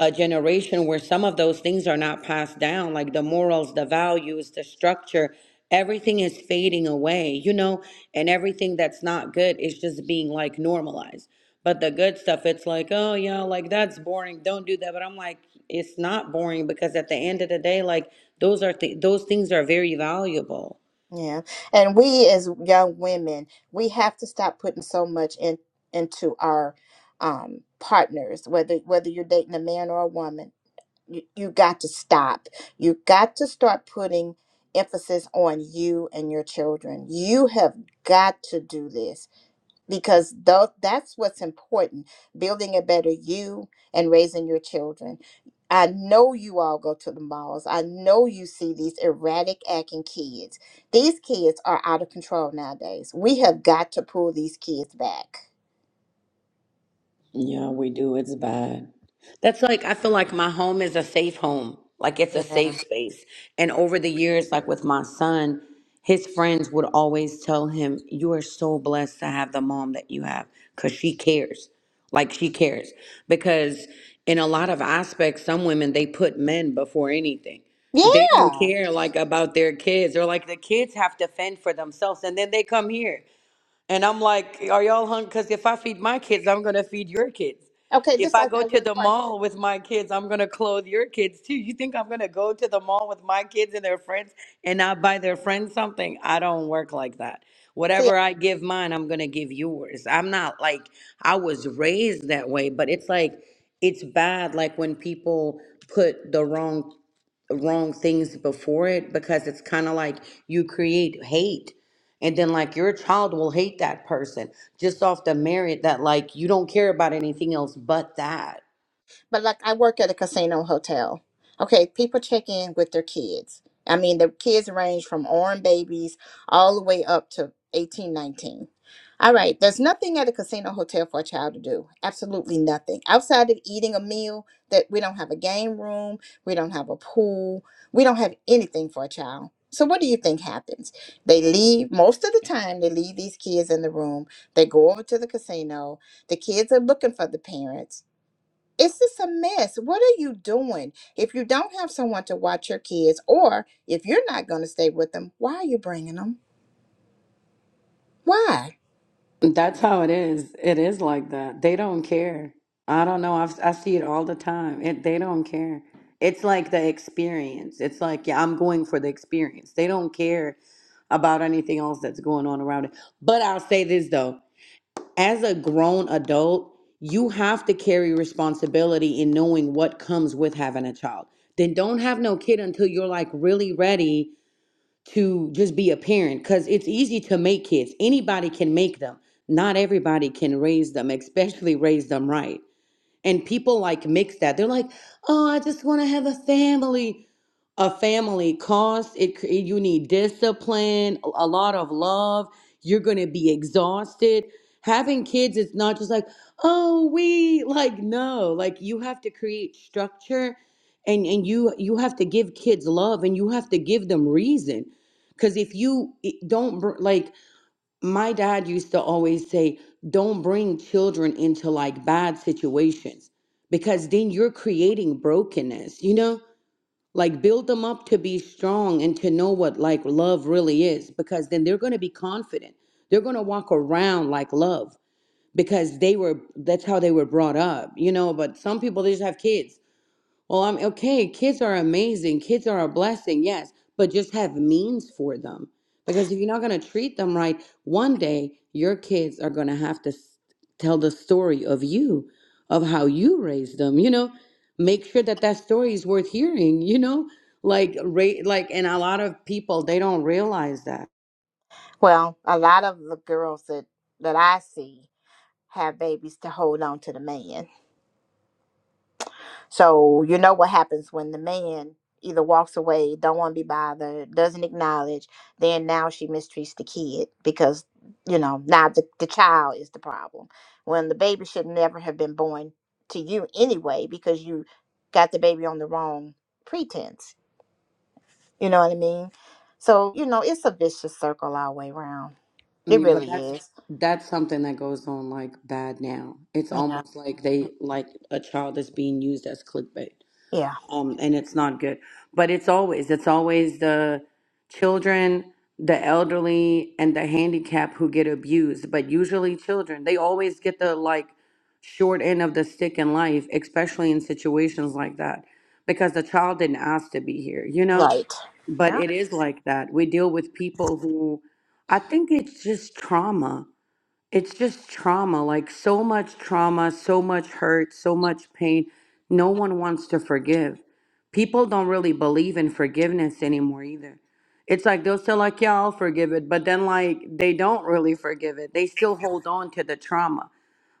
S1: a generation where some of those things are not passed down, like the morals, the values, the structure, everything is fading away, you know, and everything that's not good is just being like normalized. But the good stuff, it's like, oh, yeah, like that's boring. Don't do that. But I'm like, it's not boring because at the end of the day, like those are, th- those things are very valuable.
S5: Yeah. And we as young women, we have to stop putting so much in into our um partners, whether whether you're dating a man or a woman. You, you got to stop. You got to start putting emphasis on you and your children. You have got to do this. because though that's what's important building a better you and raising your children i know you all go to the malls i know you see these erratic acting kids these kids are out of control nowadays we have got to pull these kids back
S1: Yeah, we do. It's bad. That's like, I feel like my home is a safe home. Like it's a
S5: Yeah.
S1: safe space. And over the years, like with my son, his friends would always tell him, You are so blessed to have the mom that you have because she cares. Like she cares. Because in a lot of aspects, some women, they put men before anything. They don't
S5: yeah
S1: care like about their kids or like the kids have to fend for themselves. And then they come here and I'm like, are y'all hungry? Because if I feed my kids, I'm going to feed your kids.
S5: okay
S1: If
S5: just
S1: I
S5: like
S1: go
S5: i
S1: to
S5: work
S1: the
S5: part
S1: mall with my kids, I'm going to clothe your kids too. You think I'm going to go to the mall with my kids and their friends and not buy their friends something? I don't work like that. Whatever I give mine, I'm going to give yours. I'm not like, I was raised that way, but it's like, it's bad like when people put the wrong wrong things before it because it's kind of like you create hate and then like your child will hate that person just off the merit that like you don't care about anything else but that
S5: But like I work at a casino hotel. Okay, people check in with their kids. I mean, the kids range from orange babies all the way up to 18, 19. All right, there's nothing at a casino hotel for a child to do. Absolutely nothing. Outside of eating a meal, that we don't have a game room, we don't have a pool, we don't have anything for a child. So what do you think happens? They leave most of the time they leave these kids in the room. They go over to the casino. The kids are looking for the parents it's just a mess. What are you doing? If you don't have someone to watch your kids, or if you're not going to stay with them, why are you bringing them? Why?
S1: That's how it is. It is like that. They don't care. I don't know. I've, I see it all the time. It, they don't care. It's like the experience. It's like, yeah, I'm going for the experience. They don't care about anything else that's going on around it. But I'll say this though. as a grown adult, you have to carry responsibility in knowing what comes with having a child. Then don't have no kid until you're like really ready to just be a parent because it's easy to make kids. Anybody can make them, not everybody can raise them, especially raise them right. And people like mix that. They're like, oh, I just want to have a family. A family costs it. cr- You need discipline, a a lot of love. You're going to be exhausted. Having kids is not just like, oh, we like no. Like you have to create structure, and and you you have to give kids love, and you have to give them reason. Because if you i- don't br- like my dad used to always say, don't bring children into like bad situations because then you're creating brokenness, you know? Like build them up to be strong and to know what like love really is because then they're going to be confident. They're going to walk around like love because they were that's how they were brought up, you know, but some people they just have kids well, I'm okay. Kids are amazing. Kids are a blessing, yes, but just have means for them. Because if you're not going to treat them right, one day your kids are going to have to s- tell the story of you, of how you raised them, you know? Make sure that that story is worth hearing, you know? Like ra- like and a lot of people they don't realize that.
S5: Well, a lot of the girls that that I see have babies to hold on to the man. So you know what happens when the man either walks away, don't want to be bothered, doesn't acknowledge, then now she mistreats the kid because you know now the, the child is the problem. When the baby should never have been born to you anyway because you got the baby on the wrong pretense. You know what I mean? So you know it's a vicious circle all the way around. It
S1: Mm, But
S5: really
S1: that's
S5: is.
S1: that's something that goes on like bad now. It's
S5: Yeah.
S1: almost like they like a child is being used as clickbait.
S5: Yeah.
S1: um, and it's not good. But it's always it's always the children, the elderly, and the handicapped who get abused. But usually children, they always get the like short end of the stick in life, especially in situations like that, because the child didn't ask to be here, you know.
S5: Right.
S1: But
S5: Yeah.
S1: it is like that. We deal with people who, I think it's just trauma it's just trauma like so much trauma so much hurt so much pain no one wants to forgive people don't really believe in forgiveness anymore either it's like they'll say like yeah i'll forgive it but then like they don't really forgive it they still hold on to the trauma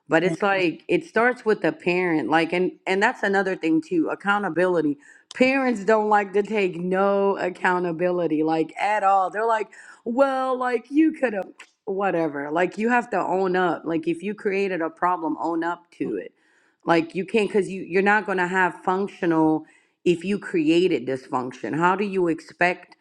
S1: but it's like it starts with the parent like and and that's another thing too accountability parents don't like to take no accountability like at all they're like well like you could have whatever like you have to own up like if you created a problem own up to it like you can't because you you're not going to have functional if you created dysfunction how do you expect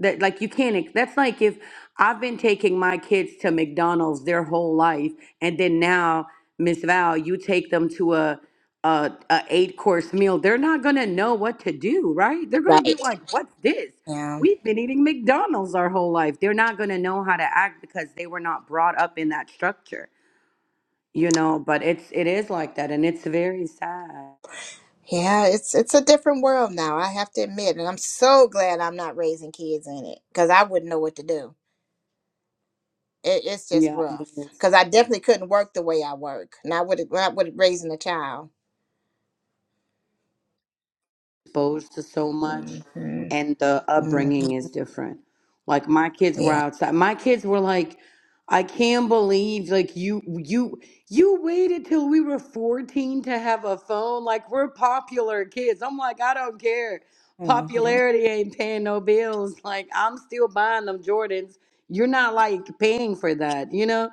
S1: that like you can't. ex- That's like if I've been taking my kids to McDonald's their whole life, and then now Miss Val, you take them to a a, a eight course meal. They're not gonna know what to do, right? They're gonna be
S5: Right.
S1: like, "What's this?
S5: Yeah.
S1: We've been eating McDonald's our whole life." They're not gonna know how to act because they were not brought up in that structure, you know. But it's it is like that, and it's very sad.
S5: Yeah, it's it's a different world now, I have to admit, and I'm so glad I'm not raising kids in it because I wouldn't know what to do. It, it's just
S1: Yeah, it
S5: rough
S1: is.
S5: because I definitely couldn't work the way I work, not with not with raising a child.
S1: exposed to so
S5: hmm
S1: much and the
S5: hmm
S1: upbringing is different. Like my kids were
S5: Yeah.
S1: outside. My kids were like, I can't believe like you you you waited till we were 14 to have a phone. Like we're popular kids. I'm like, I don't care.
S5: hmm
S1: Popularity ain't paying no bills. Like I'm still buying them Jordans. You're not like paying for that, you know?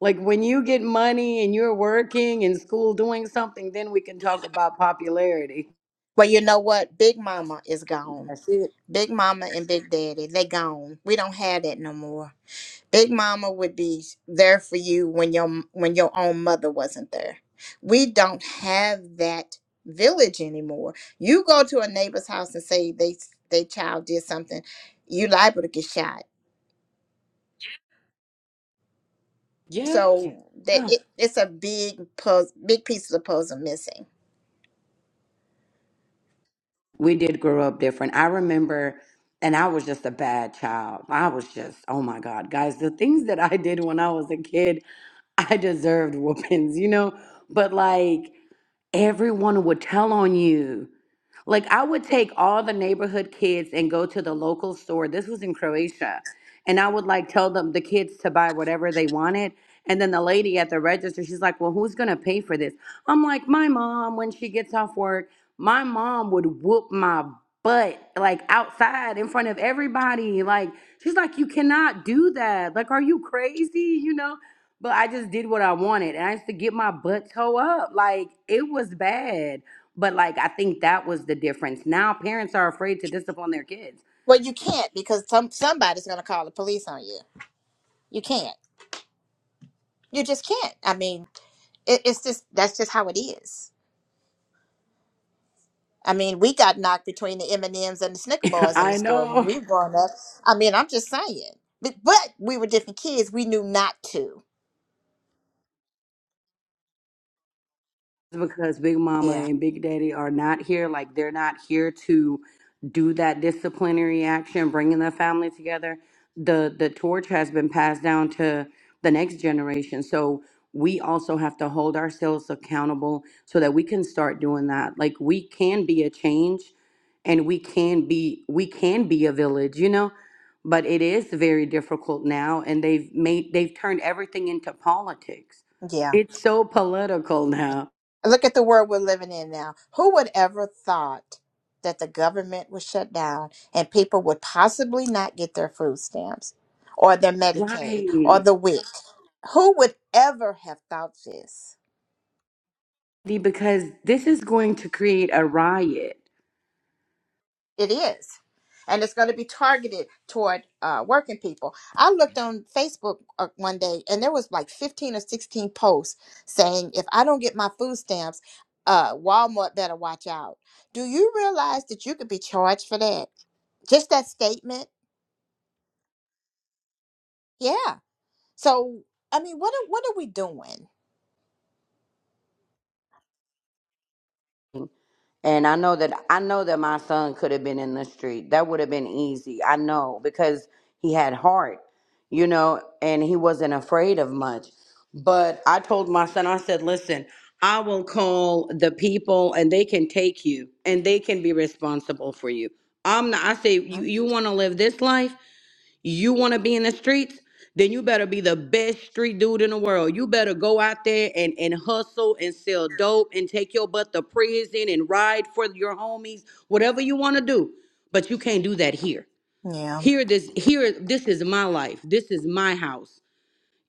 S1: Like when you get money and you're working in school doing something, then we can talk about popularity.
S5: Well, you know what? Big Mama is gone.
S1: That's it.
S5: Big Mama and Big Daddy, they gone. We don't have that no more. Big Mama would be there for you when your when your own mother wasn't there. We don't have that village anymore. You go to a neighbor's house and say they they child did something, you liable to get shot.
S1: Yeah.
S5: So that
S1: Yeah.
S5: it, it's a big puzzle, big piece of the puzzle missing.
S1: We did grow up different. I remember, and I was just a bad child. I was just, oh my God, guys, the things that I did when I was a kid, I deserved whoopings, you know? But like, everyone would tell on you. Like I would take all the neighborhood kids and go to the local store. This was in Croatia. And I would like tell them the kids to buy whatever they wanted. And then the lady at the register, she's like, Well, who's gonna pay for this? I'm like, My mom, when she gets off work, my mom would whoop my butt like outside in front of everybody. Like, she's like, You cannot do that. Like, are you crazy? You know? But I just did what I wanted and I used to get my butt toe up. Like it was bad. But like I think that was the difference. Now parents are afraid to discipline their kids.
S5: Well, you can't because some somebody's gonna call the police on you. You can't. You just can't. I mean, it, it's just that's just how it is. I mean, we got knocked between the M and M's and the Snicker bars in the
S1: I
S5: store when
S1: know.
S5: we were growing up. I mean, I'm just saying, but, but we were different kids. We knew not to.
S1: because Big Mama
S5: Yeah,
S1: and Big Daddy are not here. Like they're not here to do that disciplinary action, bringing the family together. The the torch has been passed down to the next generation. So we also have to hold ourselves accountable so that we can start doing that. Like we can be a change and we can be we can be a village, you know? But it is very difficult now and they've made they've turned everything into politics.
S5: yeah.
S1: It's so political now
S5: Look at the world we're living in now. Who would ever thought that the government would shut down and people would possibly not get their food stamps or their Medicaid or
S1: Right.
S5: the WIC? Who would ever have thought this?
S1: Because this is going to create a riot.
S5: It is. And it's going to be targeted toward uh, working people. I looked on Facebook uh, one day and there was like 15 or 16 posts saying, if I don't get my food stamps, uh, Walmart better watch out. Do you realize that you could be charged for that? Just that statement? Yeah. So, I mean, what are, what are we doing?
S1: And I know that I know that my son could have been in the street. That would have been easy. I know because he had heart, you know, and he wasn't afraid of much. But I told my son, I said, listen, I will call the people and they can take you and they can be responsible for you. I'm not, I say, you, you want to live this life? You want to be in the streets? Then you better be the best street dude in the world. You better go out there and, and hustle and sell dope and take your butt to prison and ride for your homies, whatever you want to do. But you can't do that here.
S5: Yeah,
S1: Here, this here, this is my life. This is my house.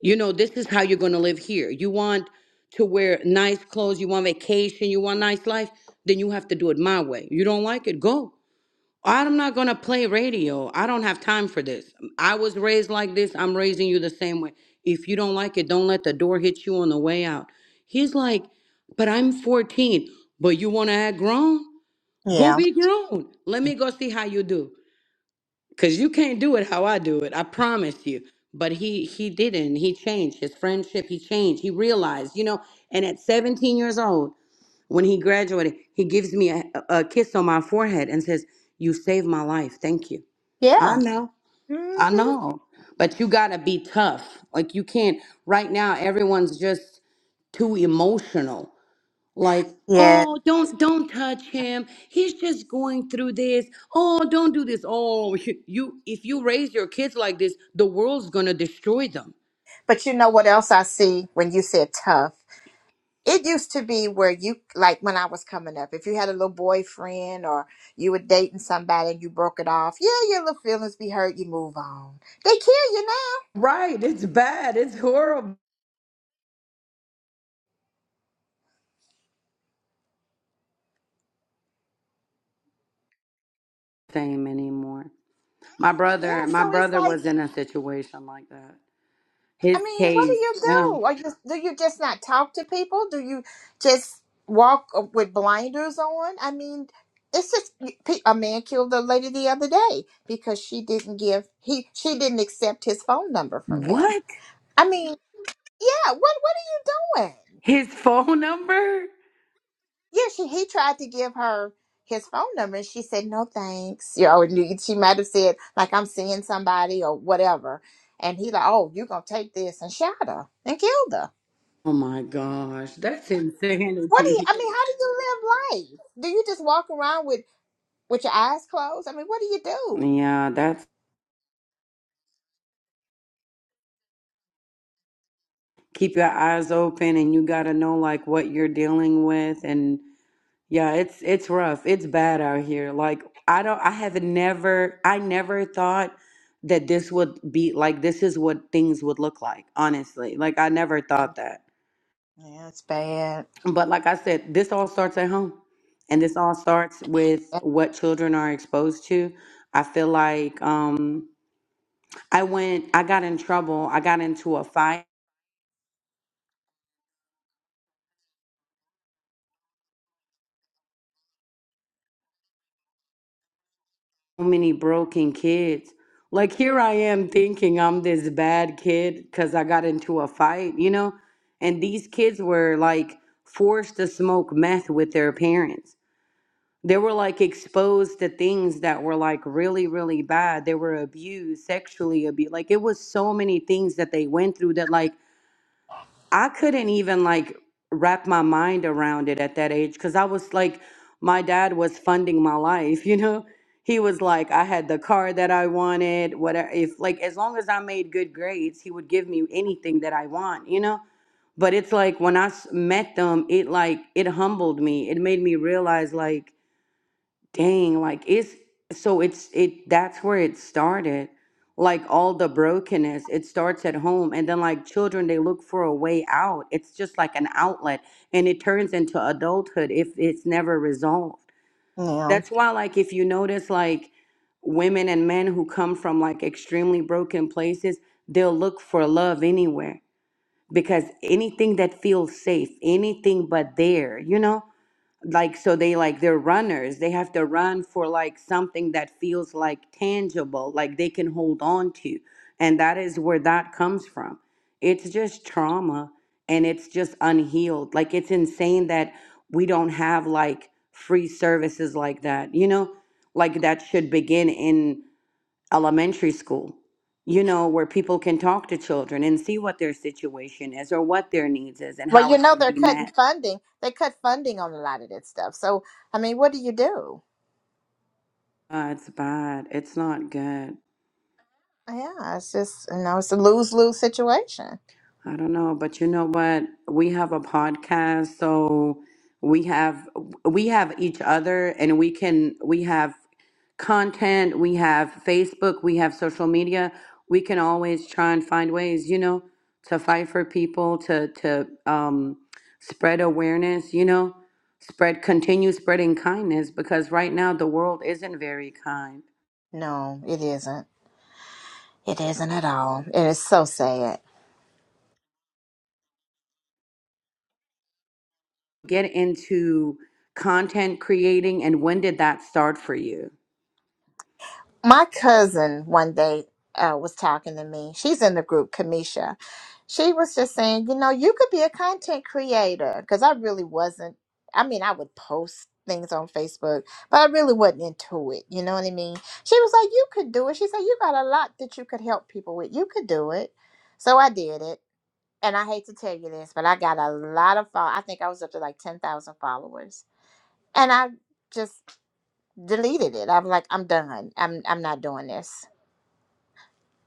S1: You know, this is how you're gonna live here. You want to wear nice clothes, you want vacation, you want nice life, then you have to do it my way. You don't like it, go. I'm not gonna play radio. I don't have time for this. I was raised like this. I'm raising you the same way. If you don't like it, don't let the door hit you on the way out. He's like, but I'm 14. But you wanna act grown? Go
S5: yeah,
S1: be grown. Let me go see how you do. Cause you can't do it how I do it. I promise you. But he he didn't. He changed his friendship. He changed. He realized, you know. And at 17 years old. When he graduated, he gives me a, a kiss on my forehead and says, You saved my life. Thank you. I
S5: yeah.
S1: know.
S5: hmm
S1: I know. But you got to be tough. Like, you can't. Right now, everyone's just too emotional. Like,
S5: Yeah.
S1: oh, don't don't touch him. He's just going through this. Oh, don't do this. Oh, you if you raise your kids like this, the world's going to destroy them.
S5: But you know what else I see when you said tough? It used to be where you, like when I was coming up, if you had a little boyfriend or you were dating somebody and you broke it off, yeah, your little feelings be hurt, you move on. They kill you now.
S1: Right. It's bad. It's horrible. Same anymore. My brother,
S5: Yeah,
S1: my
S5: so it's
S1: brother
S5: like,
S1: was in a situation like that. His
S5: I mean, what do
S1: case.
S5: you
S1: Yeah.
S5: do? Are you, do you just not talk to people? Do you just walk uh, with blinders on? I mean, it's just pe- a man killed a lady the other day because she didn't give he she didn't accept his phone number from him.
S1: What?
S5: I mean, yeah, what what are you doing?
S1: His phone number?
S5: Yeah, she he tried to give her his phone number and she said, No thanks. You know, and she might have said, like, I'm seeing somebody or whatever. And he like, Oh, you're gonna take this and shot her and killed her.
S1: Oh my gosh, that's
S5: What do you
S1: insanity.
S5: I mean, how do you live life? Do you just walk around with with your eyes closed? I mean, what do you do?
S1: Yeah, that's keep your eyes open and you got to know like what you're dealing with and yeah, it's it's rough. It's bad out here. Like I don't I have never I never thought that this would be like this is what things would look like, honestly. Like I never thought that.
S5: Yeah, it's bad.
S1: But like I said, this all starts at home. And this all starts with what children are exposed to. I feel like um I went I got in trouble. I got into a fight. So many broken kids. Like here I am thinking I'm this bad kid cuz I got into a fight, you know? And these kids were like forced to smoke meth with their parents They were like exposed to things that were like really, really bad. They were abused, sexually abused. Like it was so many things that they went through that like I couldn't even like wrap my mind around it at that age because I was like, my dad was funding my life, you know? He was like, I had the car that I wanted, whatever. If like as long as I made good grades, he would give me anything that I want, you know? But it's like when I s- met them, it like it humbled me. It made me realize like Dang, like it's so it's it that's where it started. Like all the brokenness, it starts at home and then like children they look for a way out. It's just like an outlet and it turns into adulthood if it's never resolved.
S5: Yeah.
S1: That's why like if you notice like women and men who come from like extremely broken places, they'll look for love anywhere because anything that feels safe, anything but there, you know? like so they like they're runners they have to run for like something that feels like tangible like they can hold on to and that is where that comes from it's just trauma and it's just unhealed like it's insane that we don't have like free services like that you know like that should begin in elementary school you know where people can talk to children and see what their situation is or what their needs is and
S5: Well,
S1: how
S5: you
S1: it
S5: know
S1: can
S5: they're
S1: be
S5: cutting
S1: met
S5: funding. They cut funding on a lot of that stuff. So I mean, what do you do?
S1: uh, it's bad. It's not good.
S5: Yeah, it's just you know, it's a lose lose situation.
S1: I don't know, but you know what? We have a podcast, so we have we have each other and we can we have content, we have Facebook, we have social media. We can always try and find ways, you know, to fight for people, to to um spread awareness, you know, spread continue spreading kindness because right now the world isn't very kind.
S5: No, it isn't. It isn't at all. It is so sad.
S1: Get into content creating and when did that start for you?
S5: My cousin one day uh, was talking to me. She's in the group, Kamisha. She was just saying, you know, you could be a content creator because I really wasn't. I mean, I would post things on Facebook, but I really wasn't into it. You know what I mean? She was like, you could do it. She said, you got a lot that you could help people with. You could do it. So I did it. And I hate to tell you this, but I got a lot of follow. I think I was up to like 10,000 followers. And I just deleted it. I'm like, I'm done. I'm I'm not doing this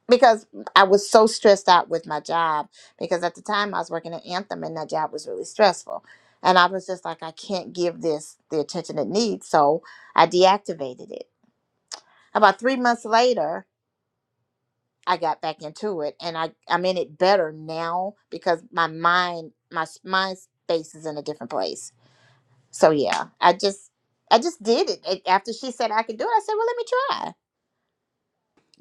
S5: because I was so stressed out with my job because at the time I was working at Anthem and that job was really stressful. And I was just like, I can't give this the attention it needs, so I deactivated it. About three months later, I got back into it, and I I'm in it better now because my mind my s- mind space is in a different place. So yeah, I just I just did it. It- After she said I could do it, I said, well, let me try.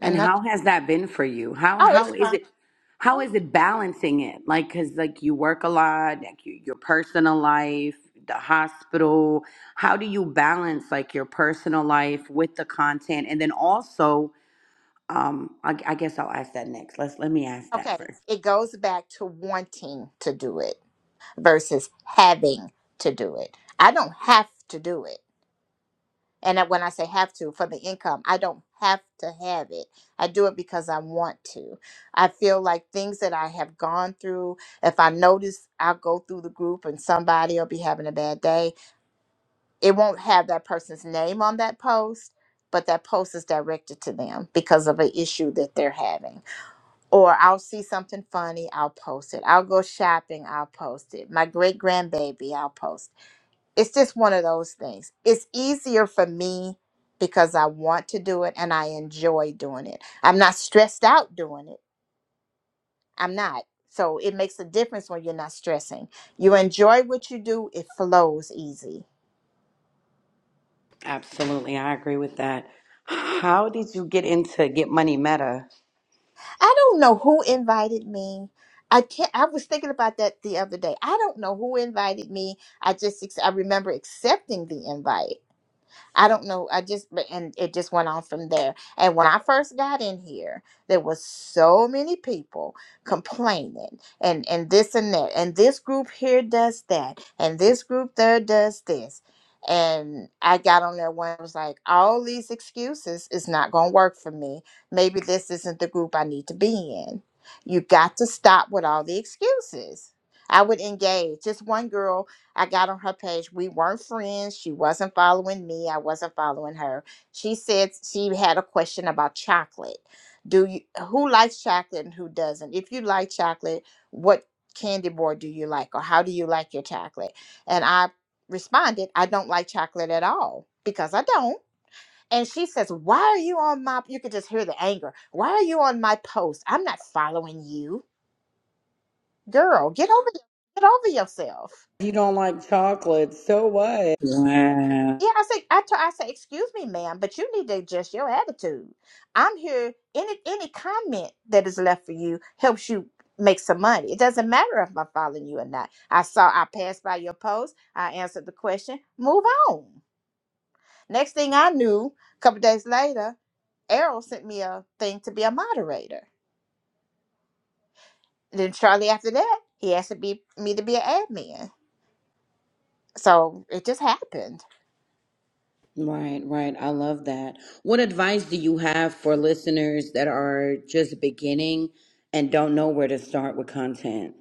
S1: And
S5: And that's
S1: how has that been for you? How
S5: oh, it's
S1: how
S5: fine.
S1: is it how
S5: Oh,
S1: is it balancing it? Like cuz like you work a lot, like you, your personal life, the hospital. How do you balance like your personal life with the content and then also um I, I guess I'll ask that next. Let's let me ask that
S5: okay.
S1: first.
S5: It goes back to wanting to do it versus having to do it. I don't have to do it. And that- when I say have to for the income, I don't have to have it. I do it because I want to. I feel like things that I have gone through, if I notice I'll go through the group and somebody will be having a bad day, it won't have that person's name on that post, but that post is directed to them because of an issue that they're having. or I'll see something funny, I'll post it. I'll go shopping, I'll post it. My great grandbaby, I'll post. It's just one of those things. It's easier for me because I want to do it and I enjoy doing it. I'm not stressed out doing it. I'm not. So it makes a difference when you're not stressing. You enjoy what you do, it flows easy.
S1: Absolutely. I agree with that. How did you get into Get Money Meta?
S5: I don't know who invited me. I can't I was thinking about that the other day. I don't know who invited me. I just ex- I remember accepting the invite I don't know. I just but- and it just went on from there. And when I first got in here, there was so many people complaining and and this and that, and this group here does that, and this group there does this. And I got on there one was like, all these excuses is not going to work for me. Maybe this isn't the group I need to be in. You got to stop with all the excuses. I would engage. Just one girl I got on her page. We weren't friends. She wasn't following me. I wasn't following her. She said she had a question about chocolate. Do you who likes chocolate and who doesn't? If you like chocolate, what candy bar do you like or how do you like your chocolate? And I responded, I don't like chocolate at all because I don't. And she says, Why are you on my you could just hear the anger. Why are you on my post? I'm not following you. Girl, get over get over yourself.
S1: You don't like chocolate, so what? Wow.
S5: Yeah, I say, I, t- I say, excuse me, ma'am, but you need to adjust your attitude. I'm here. Any any comment that is left for you helps you make some money. It doesn't matter if I'm following you or not. I saw, I passed by your post. I answered the question. Move on. Next thing I knew, a couple days later, Errol sent me a thing to be a moderator. Then shortly after that, he asked to be me to be an admin. So it just happened.
S1: Right, right. I love that. What advice do you have for listeners that are just beginning and don't know where to start with content?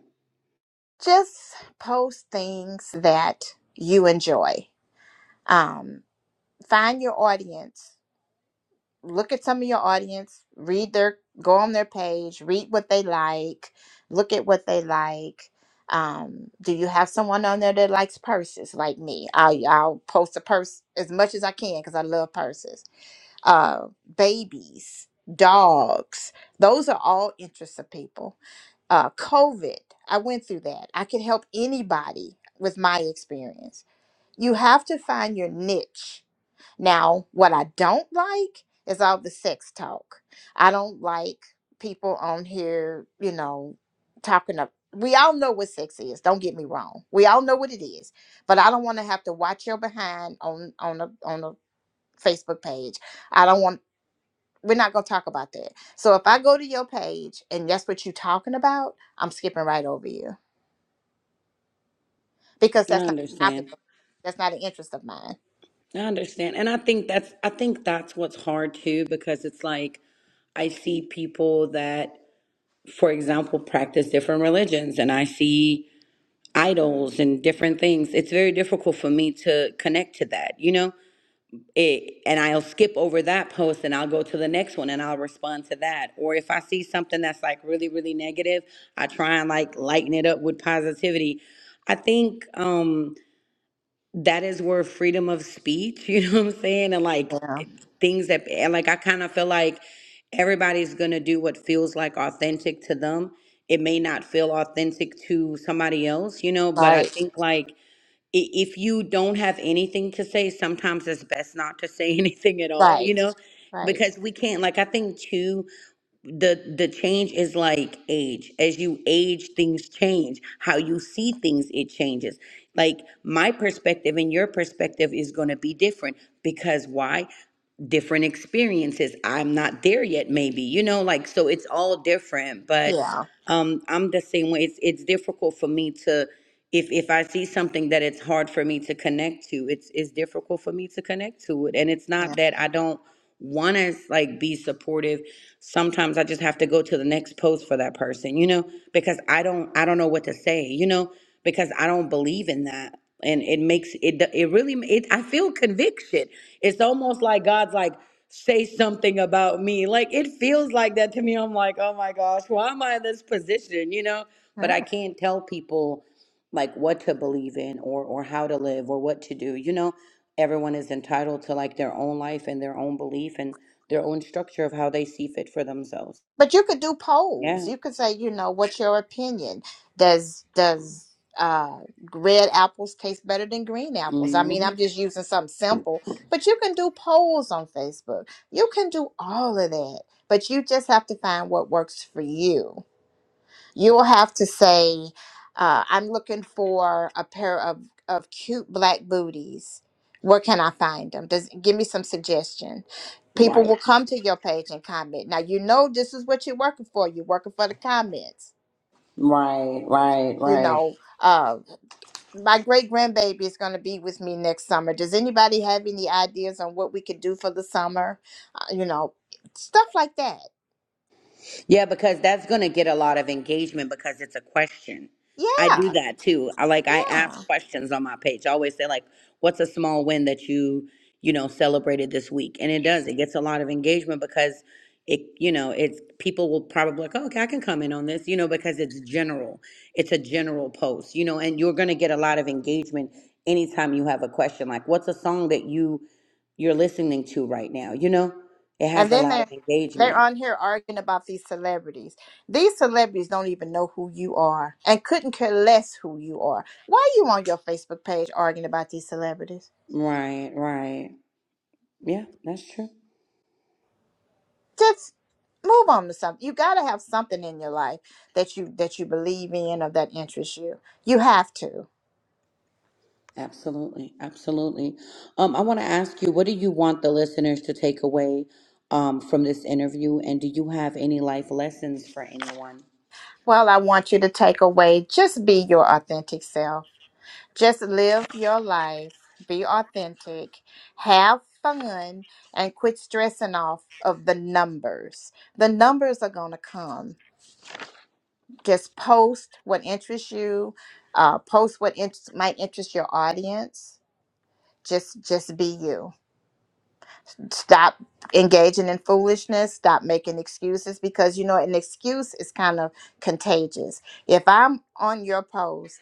S5: Just post things that you enjoy um, find your audience look at some of your audience read their go on their page read what they like look at what they like um, do you have someone on there that likes purses like me i'll, I'll post a purse as much as i can because i love purses uh, babies dogs those are all interests of people uh, covid i went through that i could help anybody with my experience you have to find your niche now, what I don't like is all the sex talk. I don't like people on here, you know, talking up. We all know what sex is. Don't get me wrong. We all know what it is. But I don't want to have to watch your behind on on a on a Facebook page. I don't want. We're not gonna talk about that. So if I go to your page and that's what you're talking about, I'm skipping right over you because
S1: I
S5: that's not a topic.
S1: understand.
S5: of- That's not an interest of mine.
S1: I understand. And I think that's I think that's what's hard too because it's like I see people that for example practice different religions and I see idols and different things. It's very difficult for me to connect to that, you know? it, and I'll skip over that post and I'll go to the next one and I'll respond to that. Or if I see something that's like really, really negative, I try and like lighten it up with positivity. I think um that is where freedom of speech, you know what I'm saying? And like
S5: Yeah.
S1: things that and like I kind of feel like everybody's gonna do what feels like authentic to them. It may not feel authentic to somebody else, you know, but I
S5: Right.
S1: think like i- if you don't have anything to say, sometimes it's best not to say anything at all,
S5: Right.
S1: you know,
S5: Right.
S1: because we can't. Like I think too, the the change is like age. As you age, things change. How you see things, it changes. Like my perspective and your perspective is going to be different because why? Different experiences. I'm not there yet. Maybe you know, like so. It's all different, but
S5: Yeah.
S1: um, I'm the same way. It's it's difficult for me to if if I see something that it's hard for me to connect to, it's it's difficult for me to connect to it. And it's not that I don't want to like be supportive. Sometimes I just have to go to the next post for that person, you know, because I don't I don't know what to say, you know, because I don't believe in that. And it makes it it really it I feel conviction. It's almost like God's like say something about me. Like it feels like that to me. I'm like, "Oh my gosh, why am I in this position?" you know? But
S5: Yeah.
S1: I can't tell people like what to believe in or or how to live or what to do you know everyone is entitled to like their own life and their own belief and their own structure of how they see fit for themselves
S5: But you could do polls.
S1: yeah
S5: You could say, you know, what's your opinion? Does does uh, red apples taste better than green apples? I mean,
S1: hmm
S5: I'm just using something simple, but you can do polls on Facebook. You can do all of that, but you just have to find what works for you. You will have to say, uh, I'm looking for a pair of, of cute black booties. Where can I find them? Does give me some suggestion. People
S1: right
S5: will come to your page and comment. Now you know this is what you're working for. You're working for the comments.
S1: right right
S5: You
S1: right
S5: know, uh, my great grandbaby is going to be with me next summer. Does anybody have any ideas on what we could do for the summer? Uh, you know, stuff like that.
S1: Yeah, because that's going to get a lot of engagement because it's a question. I do
S5: Yeah,
S1: that too. I like I
S5: yeah.
S1: ask questions on my page. I always say like, "What's a small win that you, you know, celebrated this week?" And it does. It gets a lot of engagement because it, you know, it's people will probably like, oh, "Okay, I can come in on this," you know, because it's general. It's a general post, you know, and you're going to get a lot of engagement anytime you have a question like, "What's a song that you you're listening to right now?" You know, it
S5: And
S1: has a
S5: then
S1: lot of
S5: they're they're
S1: engagement.
S5: on here arguing about these celebrities. These celebrities don't even know who you are and couldn't care less who you are. Why are you on your Facebook page arguing about these celebrities?
S1: Right, right. Yeah, that's true.
S5: Just move on to something. You gotta have something in your life that you that you believe in or that interests you. You have to.
S1: Absolutely, absolutely. Um, I want to ask you, what do you want the listeners to take away um from this interview, and do you have any life lessons for anyone?
S5: Well, I want you to take away just be your authentic self. Just live your life, be authentic, have fun, and quit stressing off of the numbers. The numbers are going to come. Just post what interests you, uh, post what in- might interest your audience. Just just be you. Stop engaging in foolishness, stop making excuses because you know an excuse is kind of contagious. If I'm on your post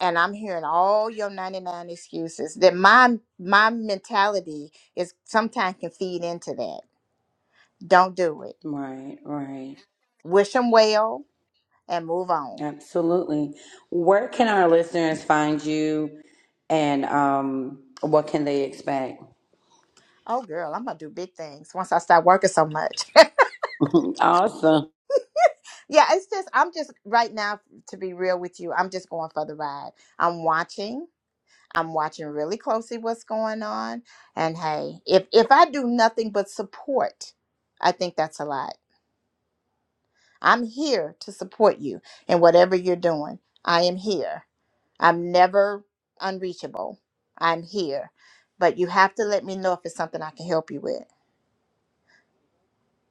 S5: and I'm hearing all your 99 excuses, then my my mentality is sometimes can feed into that. Don't do it.
S1: Right, right.
S5: Wish them well and move on.
S1: Absolutely. Where can our listeners find you, and um, what can they expect?
S5: Oh girl, I'm gonna do big things once I start working so much.
S1: Awesome.
S5: yeah, it's just I'm just right now to be real with you, I'm just going for the ride. I'm watching. I'm watching really closely what's going on. And hey, if if I do nothing but support, I think that's a lot I'm here to support you in whatever you're doing. I am here. I'm never unreachable. I'm here. But you have to let me know if it's something I can help you with.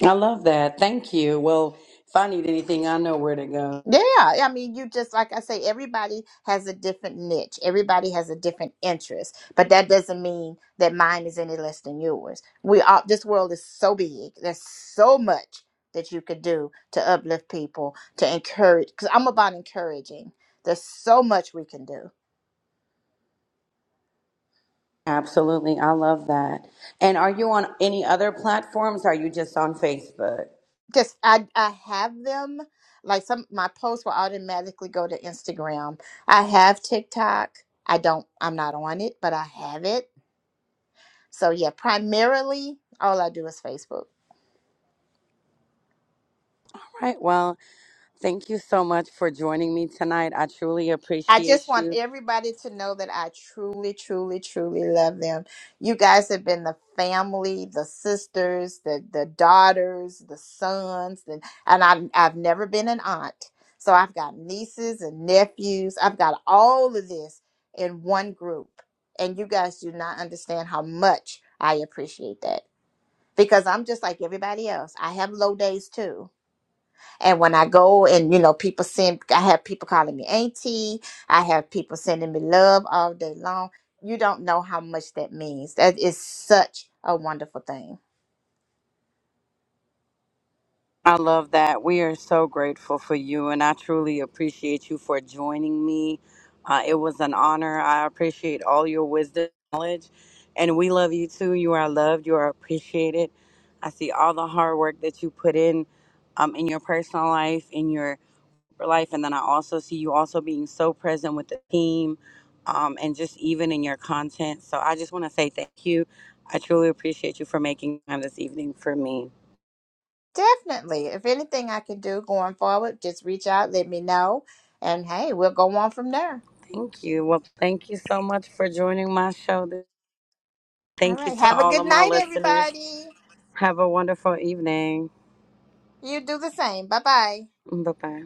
S1: I love that. Thank you. Well, if I need anything, I know where to go.
S5: Yeah, I mean, you just like I say, everybody has a different niche. Everybody has a different interest, but that doesn't mean that mine is any less than yours. We all this world is so big. There's so much that you could do to uplift people, to encourage. Because I'm about encouraging. There's so much we can do.
S1: Absolutely. I love that. And are you on any other platforms? Are you just on Facebook? All
S5: just I I have them. Like some my posts will automatically go to Instagram. I have TikTok. I don't I'm not on it, but I have it. So yeah, primarily all I do is Facebook.
S1: right. Well, thank you so much for joining me tonight. I truly
S5: I
S1: appreciate
S5: just want
S1: you.
S5: everybody to know that I truly, truly, truly love them. You guys have been the family, the sisters, the the daughters, the sons, and and I I've never been an aunt, so I've got nieces and nephews. I've got all of this in one group, and you guys do not understand how much I appreciate that because I'm just like everybody else. I have low days too and when I go and, you know, people send, I have people calling me auntie. I have people sending me love all day long. You don't know how much that means. That is such a wonderful thing.
S1: I love that. We are so grateful for you, and I truly appreciate you for joining me. Uh, it was an honor. I appreciate all your wisdom, knowledge, and we love you too. You are loved. You are appreciated. I see all the hard work that you put in um, in your personal life, in your for life. And then I also see you also being so present with the team um, and just even in your content. So I just want to say thank you. I truly appreciate you for making time this evening for me.
S5: Definitely. If anything I can do going forward, just reach out, let me know. And hey, we'll go on from there.
S1: Thank you. Well, thank you so much for joining my show.
S5: All
S1: Thank you
S5: right.
S1: to
S5: Have a
S1: all
S5: good
S1: of my
S5: night,
S1: listeners.
S5: everybody.
S1: Have a wonderful evening.
S5: You do the same. Bye bye.
S1: Bye bye.